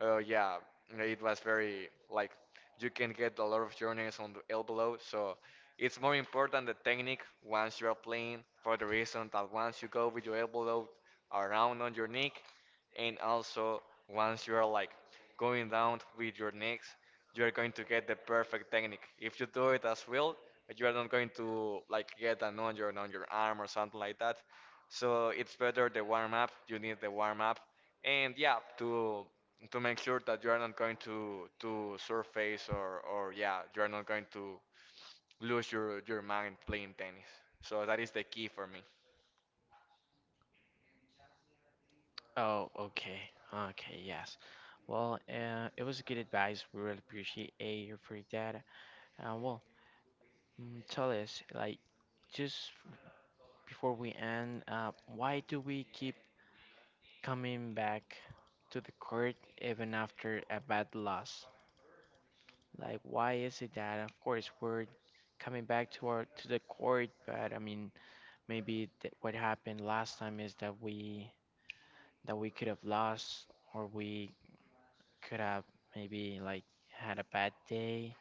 Speaker 2: yeah, it was very like you can get a lot of journeys on the elbow. So it's more important the technique once you are playing, for the reason that once you go with your elbow around on your neck, and also once you are like going down with your necks, you are going to get the perfect technique. If you do it as well, you are not going to like get an injury on your arm or something like that. So it's better the warm up. You need the warm up, and yeah, to make sure that you are not going to to surface or yeah, you are not going to lose your mind playing tennis. So that is the key for me.
Speaker 1: Oh, okay. Okay, yes. Well, it was good advice. We really appreciate A for that. Uh, well, tell us, like, just before we end, why do we keep coming back to the court even after a bad loss? Like, why is it that? Of course, we're coming back to our to the court, but I mean, maybe what happened last time is that we could have lost, or we could have maybe like had a bad day.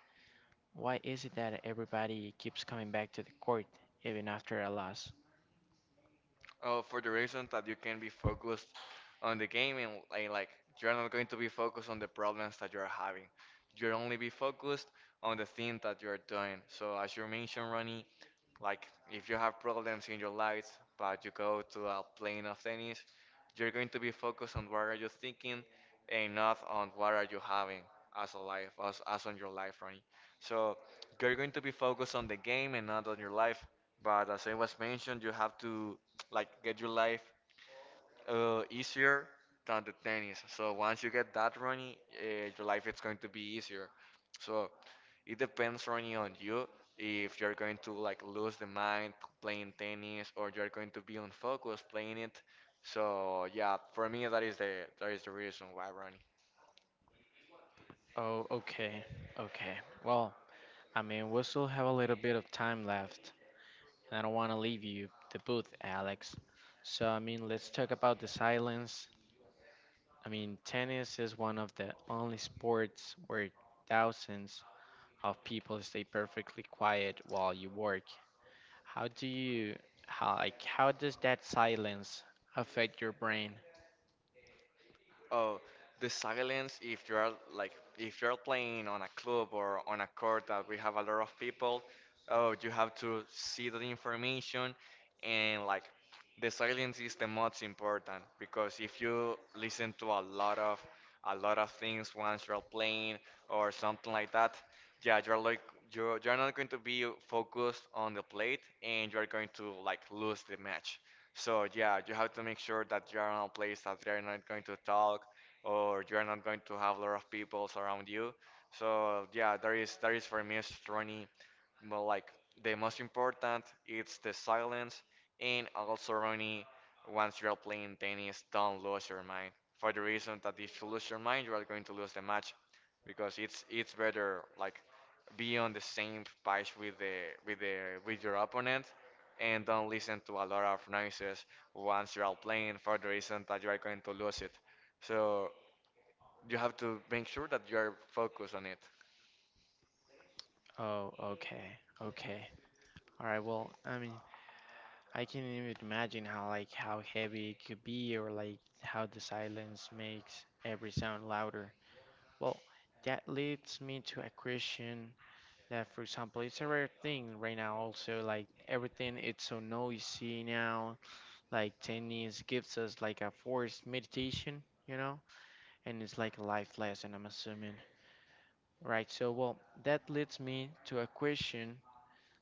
Speaker 1: Why is it that everybody keeps coming back to the court even after a loss?
Speaker 2: For the reason that you can be focused on the game, and like you're not going to be focused on the problems that you're having. You'll only be focused on the thing that you're doing. So as you mentioned, Ronnie, like if you have problems in your life, but you go to a plane of tennis, you're going to be focused on what are you thinking and not on what are you having as a life, as on your life, right? So you're going to be focused on the game and not on your life. But as I was mentioned, you have to like get your life easier than the tennis. So once you get that running, your life is going to be easier. So it depends only on you if you're going to like lose the mind playing tennis, or you're going to be unfocused playing it. So yeah, for me that is the reason why, Ronnie.
Speaker 1: Oh, okay, okay. Well, I mean, we still have a little bit of time left. I don't want to leave you the booth, Alex. So, I mean, let's talk about the silence. I mean, tennis is one of the only sports where thousands of people stay perfectly quiet while you work. How do you, how, like, how does that silence affect your brain?
Speaker 2: Oh, the silence, if you are like if you're playing on a club or on a court that we have a lot of people, oh, you have to see the information and like the silence is the most important, because if you listen to a lot of things once you're playing or something like that, yeah, you're like you're not going to be focused on the plate, and you're going to like lose the match. So yeah, you have to make sure that you are in a place that they are not going to talk, or you are not going to have a lot of people around you. So yeah, there is for me is running well, like the most important it's the silence, and also running once you are playing tennis, don't lose your mind. For the reason that if you lose your mind you are going to lose the match, because it's better like be on the same page with the with the with your opponent, and don't listen to a lot of noises once you are playing, for the reason that you are going to lose it. So you have to make sure that you are focused on it.
Speaker 1: Oh, okay, okay. All right, well, I mean, I can't even imagine how heavy it could be or, like, how the silence makes every sound louder. Well, that leads me to a question that, for example, it's a rare thing right now. Also, like everything, it's so noisy now. Like tennis gives us like a forced meditation, you know, and it's like a life lesson. I'm assuming, right? So, well, that leads me to a question.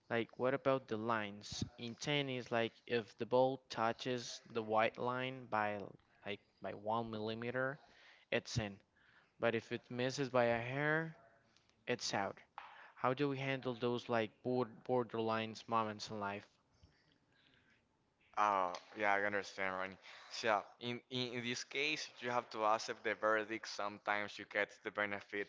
Speaker 1: Like, what about the lines in tennis? Like, if the ball touches the white line by 1 millimeter, it's in. But if it misses by a hair, it's out. How do we handle those like board borderlines moments in life?
Speaker 2: Oh, yeah, I understand, Ronnie. So, in this case, you have to accept the verdict. Sometimes you get the benefit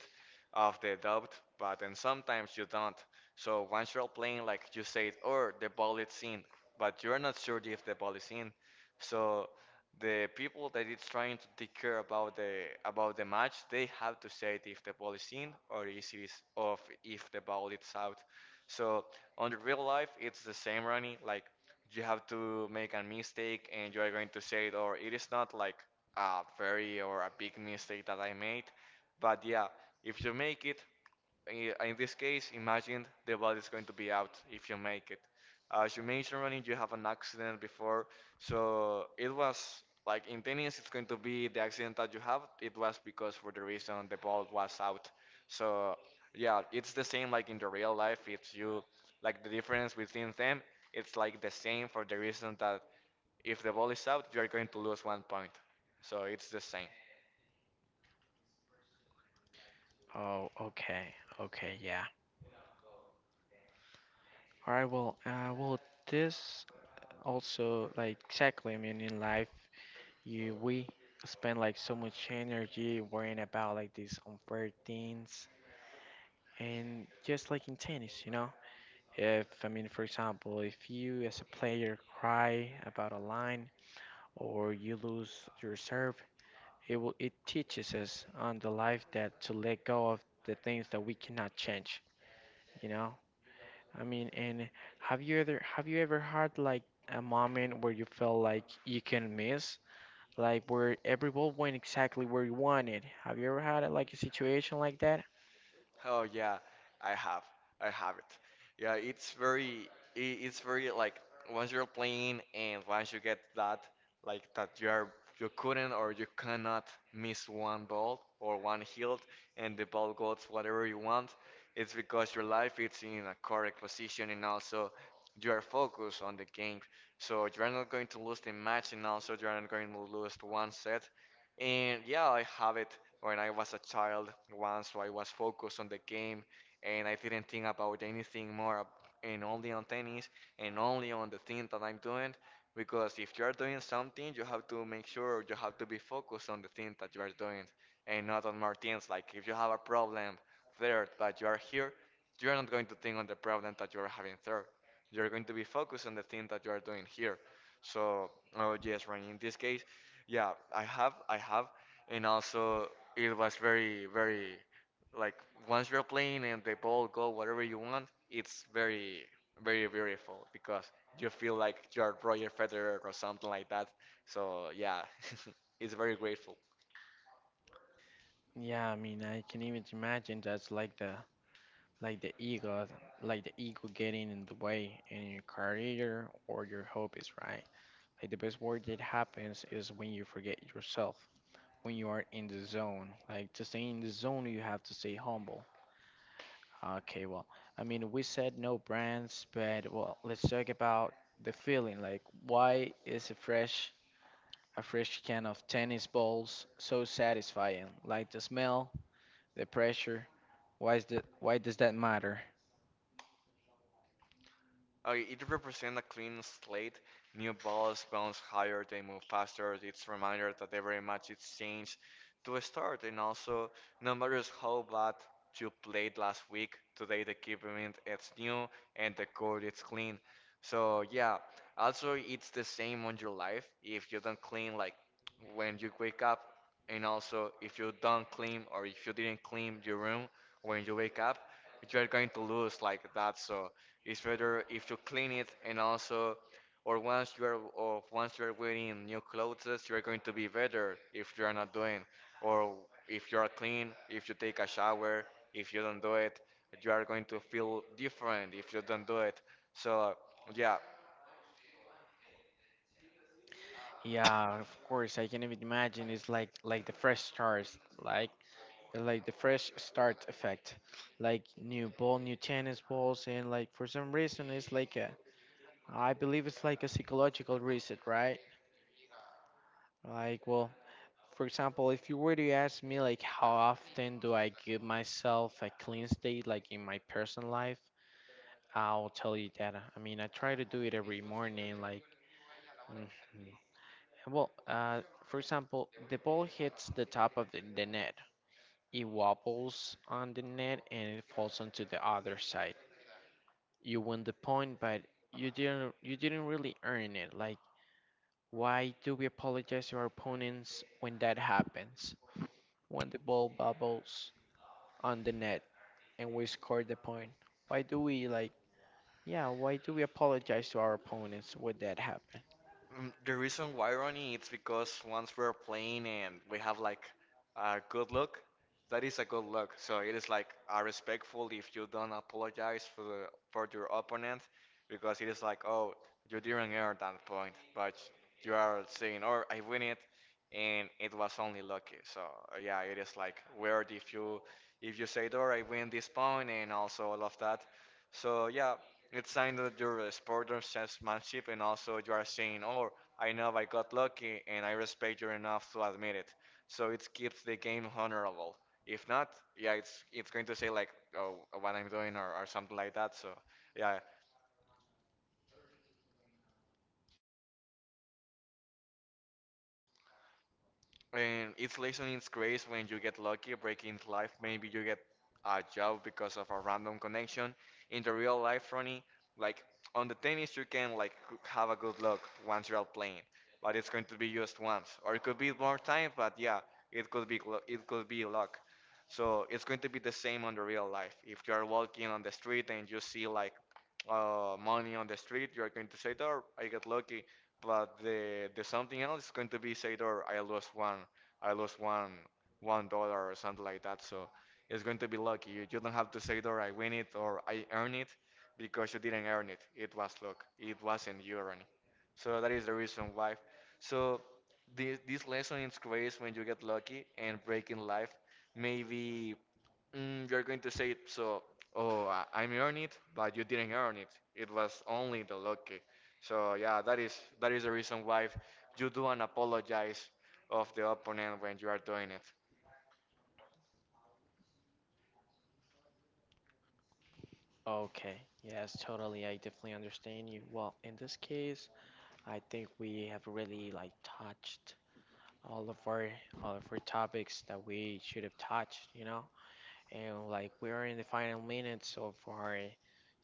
Speaker 2: of the doubt, but then sometimes you don't. So, once you're playing, like you said, or the ball is in, but you're not sure if the ball is in. So, the people that is trying to take care about the match, they have to say if the ball is in or is of if the ball is out. So, on the real life, it's the same, Ronnie. Like you have to make a mistake and you are going to say it, or it is not like a very or a big mistake that I made. But yeah, if you make it, in this case, imagine the body is going to be out if you make it. As you mentioned, Ronnie, you have an accident before, so it was like in tennis, it's going to be the accident that you have. It was because for the reason the ball was out. So yeah, it's the same like in the real life. It's you like the difference between them. It's like the same for the reason that if the ball is out, you're going to lose one point. So it's the same.
Speaker 1: Oh, okay, okay, yeah. All right. Well, this also like exactly. I mean, in life, you we spend like so much energy worrying about like these unfair things, and just like in tennis, you know. If I mean, for example, if you as a player cry about a line or you lose your serve, it teaches us on the life that to let go of the things that we cannot change, you know? I mean, and have you ever had like a moment where you felt like you can miss, like where every ball went exactly where you wanted? Have you ever had like a situation like that?
Speaker 2: Oh yeah, I have. I have it. Yeah, it's very I- It's very like once you're playing, and once you get that like that you are you couldn't or you cannot miss one ball or one hit and the ball goes whatever you want, it's because your life is in a correct position, and also you are focused on the game. So you're not going to lose the match, and also you're not going to lose one set. And yeah, I have it when I was a child once, so I was focused on the game and I didn't think about anything more and only on tennis and only on the thing that I'm doing. Because if you're doing something, you have to make sure you have to be focused on the thing that you are doing and not on more things. Like if you have a problem there but you are here, you're not going to think on the problem that you are having there. You're going to be focused on the thing that you are doing here. So, oh yes, Ryan, in this case, yeah, I have, and also it was very, very like once you're playing and the ball go whatever you want, it's very, very beautiful, because you feel like you're Roger Federer or something like that. So yeah, [laughs] it's very grateful.
Speaker 1: Yeah, I mean, I can even imagine that's like the ego, like the ego getting in the way in your career or your hobbies, right? Like the best word that happens is when you forget yourself when you are in the zone. Like to stay in the zone, you have to stay humble. Okay, well, I mean, we said no brands, but well, let's talk about the feeling. Like, why is a fresh can of tennis balls so satisfying? Like the smell, the pressure. Why is that? Why does that matter?
Speaker 2: Okay, it represents a clean slate. New balls bounce higher, they move faster. It's a reminder that every match is changed to a start. And also, no matter how bad you played last week, today the equipment is new and the court is clean. So yeah, also it's the same on your life. If you don't clean, like when you wake up, and also if you don't clean or if you didn't clean your room when you wake up, you're going to lose like that. So it's better if you clean it, and also, or once you are, or once you are wearing new clothes, you are going to be better if you are not doing, or if you are clean, if you take a shower. If you don't do it, you are going to feel different if you don't do it. So yeah,
Speaker 1: Yeah, of course, I can even imagine. It's like the fresh stars. Like the fresh start effect, like new ball, new tennis balls, and like for some reason it's like a, I believe it's like a psychological reset, right? Like, well, for example, if you were to ask me like how often do I give myself a clean state, like in my personal life, I'll tell you that. I mean, I try to do it every morning, like mm, well, for example, the ball hits the top of the net. It wobbles on the net and it falls onto the other side. You win the point, but you didn't really earn it. Like, why do we apologize to our opponents when that happens? When the ball bubbles on the net and we score the point. Why do we like yeah, why do we apologize to our opponents when that happen?
Speaker 2: Mm. The reason why, Ronnie, it's because once we're playing and we have like a good look, that is a good look. So it is like respectful if you don't apologize for your opponent, because it is like, oh, you didn't earn that point, but you are saying, or I win it, and it was only lucky. So yeah, it is like weird if you say, oh, I win this point, and also all of that. So yeah, it's sign that you're a sport of sportsmanship, and also you are saying, oh, I know I got lucky and I respect you enough to admit it. So it keeps the game honorable. If not, yeah, it's going to say like, oh, what I'm doing, or something like that. So yeah, and each lesson is great when you get lucky, breaking into life. Maybe you get a job because of a random connection. In the real life, Ronnie, like on the tennis, you can like have a good luck once you're playing, but it's going to be just once, or it could be more time. But yeah, it could be it could be luck. So it's going to be the same on the real life. If you are walking on the street and you see like money on the street, you are going to say, "Oh, I got lucky." But the something else is going to be say, or I lost one, I lost one dollar or something like that. So it's going to be lucky. You don't have to say, or I win it or I earn it, because you didn't earn it. It was luck. It wasn't you earning. So that is the reason why. So this lesson is grace when you get lucky and break in life. Maybe you're going to say it, so oh I earned it, but you didn't earn it, it was only the lucky. So yeah, that is the reason why you do not apologize of the opponent when you are doing it.
Speaker 1: Okay, yes, totally. I definitely understand you. Well, in this case, I think we have really like touched all of our all of our topics that we should have touched, you know? And like we're in the final minutes of our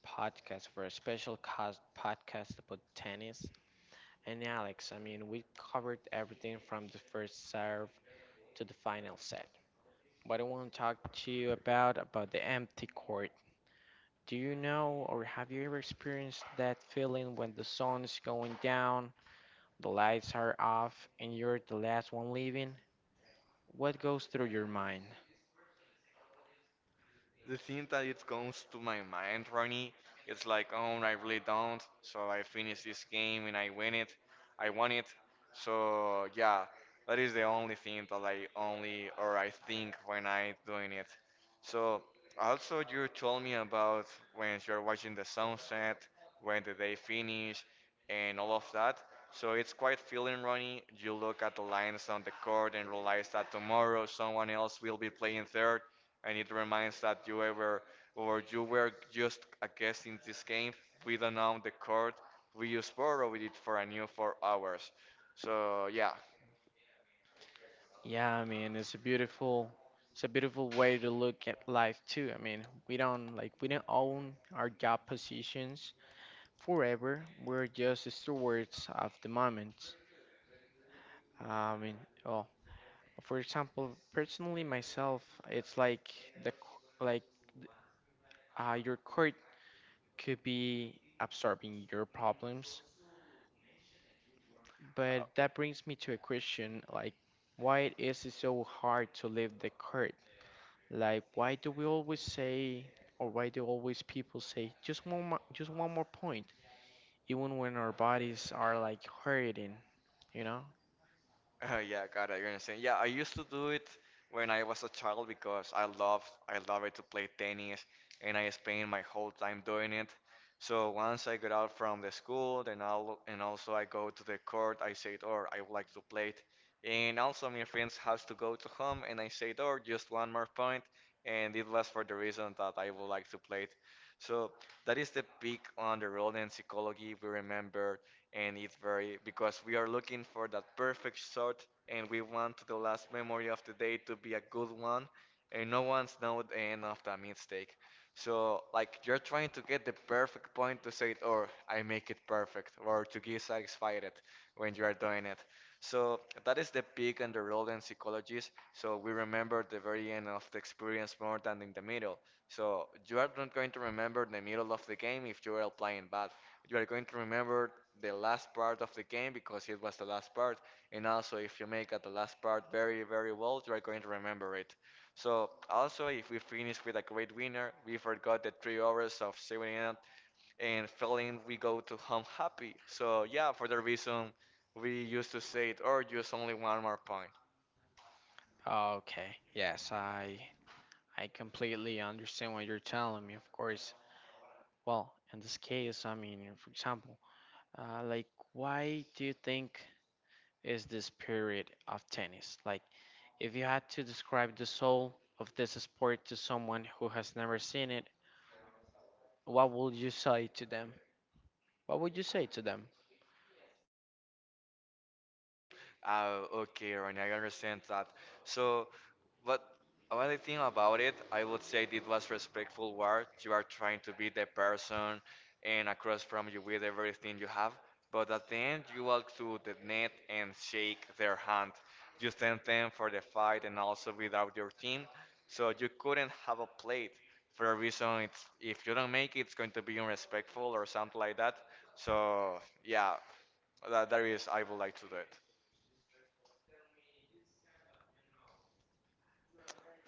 Speaker 1: podcast for a special cast podcast about tennis. And Alex, I mean, we covered everything from the first serve to the final set. What I want to talk to you about the empty court. Do you know or have you ever experienced that feeling when the sun is going down, the lights are off, and you're the last one leaving? What goes through your mind?
Speaker 2: The thing that it comes to my mind, Ronnie, it's like, oh, I really don't. So I finish this game and I win it. I won it. So yeah, that is the only thing that I only or I think when I doing it. So also you told me about when you're watching the sunset, when the day finish, and all of that. So it's quite feeling, Ronnie. You look at the lines on the court and realize that tomorrow someone else will be playing third, and it reminds that you ever or you were just a guest in this game. We don't own the court. We just borrowed it for a new 4 hours. So yeah,
Speaker 1: Yeah, I mean, it's it's a beautiful way to look at life too. I mean, we don't own our job positions forever. We're just stewards of the moment. I mean, oh, for example, personally myself, it's like the c- like your court could be absorbing your problems. But that brings me to a question like, why is it so hard to leave the court? Like, why do we always say, or why do always people say, just one, just one more point, even when our bodies are like hurting, you know?
Speaker 2: [laughs] oh yeah, got it. You're understand. Yeah, I used to do it when I was a child, because I love it to play tennis, and I spent my whole time doing it. So once I got out from the school, then I'll and also I go to the court. I said, "Or I would like to play it." And also my friends has to go to home, and I said, "Or just one more point," and it was for the reason that I would like to play it. So that is the peak on the road in psychology we remember, and it's very because we are looking for that perfect shot, and we want the last memory of the day to be a good one, and no one's know the end of that mistake. So like you're trying to get the perfect point to say it, or I make it perfect, or to get satisfied it when you are doing it. So that is the peak and the role in psychologies. So we remember the very end of the experience more than in the middle. So you are not going to remember the middle of the game if you are playing bad. You are going to remember the last part of the game because it was the last part. And also, if you make at the last part very, very well, you are going to remember it. So also, if we finish with a great winner, we forgot the 3 hours of saving it and failing, we go to home happy. So yeah, for the reason we used to say it, or just only one more point.
Speaker 1: Oh, okay, yes, I completely understand what you're telling me. Of course. Well, in this case, I mean, for example, like, why do you think is the spirit of tennis? Like, if you had to describe the soul of this sport to someone who has never seen it, what would you say to them? What would you say to them?
Speaker 2: Oh, okay, Ronnie, I understand that. So, what what I think about it, I would say it was respectful war. You are trying to be the person and across from you with everything you have, but at the end, you walk to the net and shake their hand. You thank them for the fight and also without your team, so you couldn't have a plate. For a reason, it's, if you don't make it, it's going to be unrespectful or something like that. So yeah, that is, I would like to do it.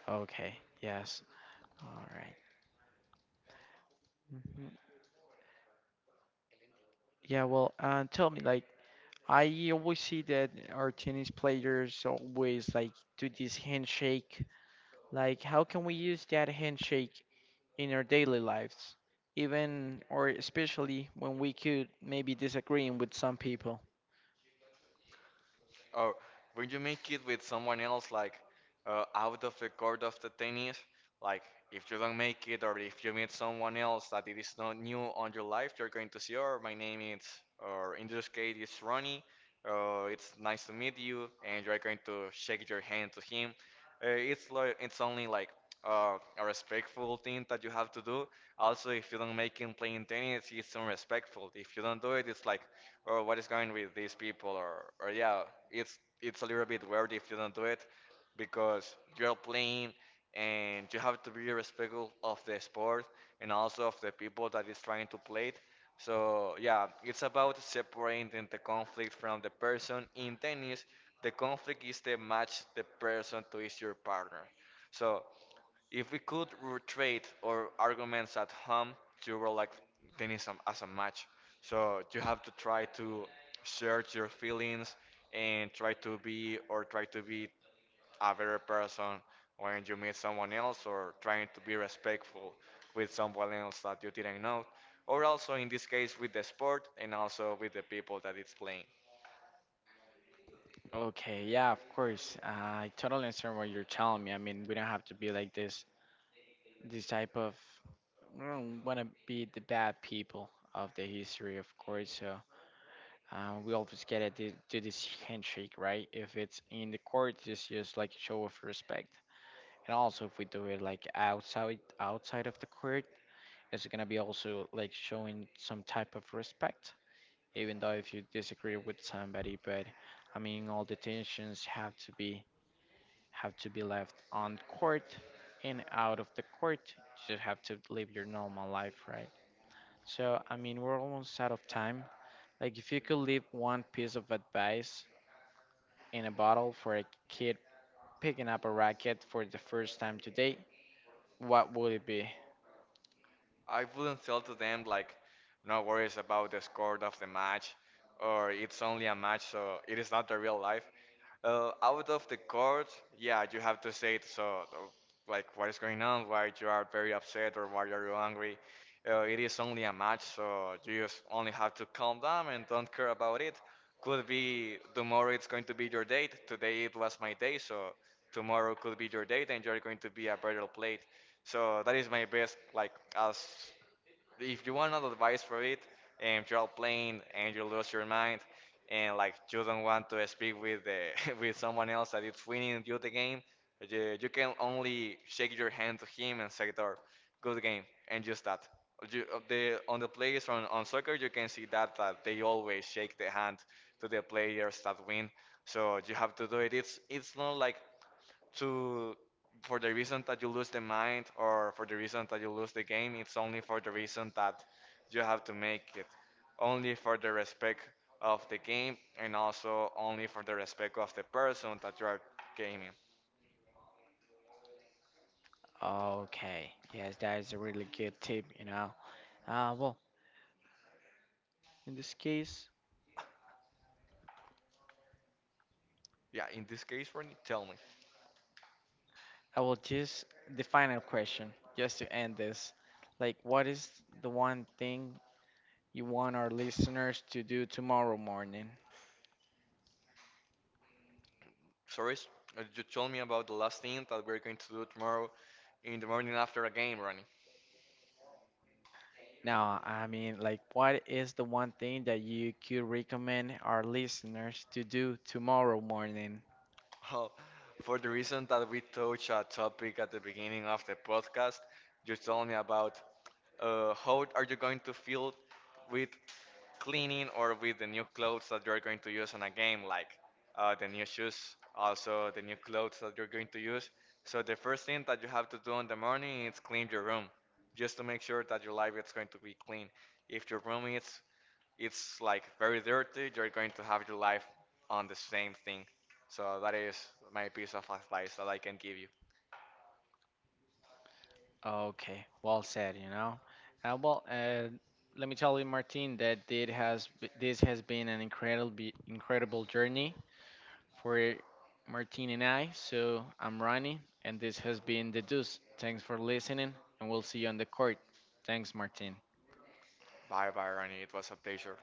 Speaker 1: Okay, yes. All right. Mhm. Yeah, well, tell me, like, I always see that our tennis players always like do this handshake. Like, how can we use that handshake in our daily lives? Even or especially when we could maybe disagreeing with some people.
Speaker 2: Or when you make it with someone else, like out of the court of the tennis, like if you don't make it or if you meet someone else that it is not new on your life, you're going to say, "Oh, my name is," or in this case, it's Ronnie. It's nice to meet you, and you're going to shake your hand to him. It's like it's only like a respectful thing that you have to do. Also, if you don't make him playing tennis, it's unrespectful. If you don't do it, it's like, oh, what is going with these people? Or yeah, it's a little bit weird if you don't do it, because you're playing and you have to be respectful of the sport and also of the people that is trying to play it. So yeah, it's about separating the conflict from the person. In tennis, the conflict is the match, the person to is your partner. So if we could retreat or arguments at home, you were like tennis as a match. So you have to try to search your feelings and try to be a better person when you meet someone else, or trying to be respectful with someone else that you didn't know, or also in this case with the sport and also with the people that it's playing.
Speaker 1: Okay, yeah, of course. I totally understand what you're telling me. I mean, we don't have to be like this type of we don't want to be the bad people of the history, of course. So we always get it to this handshake, right? If it's in the court, it's just like a show of respect. And also, if we do it like outside of the court, it's gonna be also like showing some type of respect, even though if you disagree with somebody. But I mean, all the tensions have to be left on court and out of the court. You just have to live your normal life, right? So, I mean, we're almost out of time. Like, if you could leave one piece of advice in a bottle for a kid picking up a racket for the first time today, what would it be?
Speaker 2: I wouldn't tell to them like no worries about the score of the match, or it's only a match, so it is not the real life. Out of the court, yeah, you have to say it so like what is going on, why you are very upset, or why are you angry. It is only a match, so you just only have to calm down and don't care about it. Could be tomorrow it's going to be your date, today it was my day, so tomorrow could be your date and you're going to be a better plate. So that is my best, like as if you want another advice for it, and you're playing and you lose your mind, and like you don't want to speak with the, [laughs] with someone else that is winning you the game, you can only shake your hand to him and say, "Door, good game," and just that. You, the, on the players on soccer, you can see that they always shake the hand to the players that win. So you have to do it. It's not like to for the reason that you lose the mind, or for the reason that you lose the game, it's only for the reason that you have to make it only for the respect of the game and also only for the respect of the person that you are gaming.
Speaker 1: Okay, yes, that is a really good tip, you know. Well, in this case,
Speaker 2: Yeah, in this case Ronnie, tell me
Speaker 1: I will just the final question, just to end this. Like, what is the one thing you want our listeners to do tomorrow morning?
Speaker 2: sorry, you told me about the last thing that we're going to do tomorrow in the morning after a game, Ronnie.
Speaker 1: Now, I mean, like, what is the one thing that you could recommend our listeners to do tomorrow morning?
Speaker 2: Well, for the reason that we touched a topic at the beginning of the podcast, you told me about how are you going to feel with cleaning or with the new clothes that you're going to use in a game, like the new shoes, also the new clothes that you're going to use. So the first thing that you have to do in the morning is clean your room, just to make sure that your life is going to be clean. If your room is it's like very dirty, you're going to have your life on the same thing. So that is my piece of advice that I can give you.
Speaker 1: Okay, well said, you know. Uh, well, uh, let me tell you, Martin, that this has been an incredible journey for Martin and I. So I'm Ronnie, and this has been the Deuce. Thanks for listening, and we'll see you on the court. Thanks, Martin.
Speaker 2: Bye bye, Ronnie. It was a pleasure.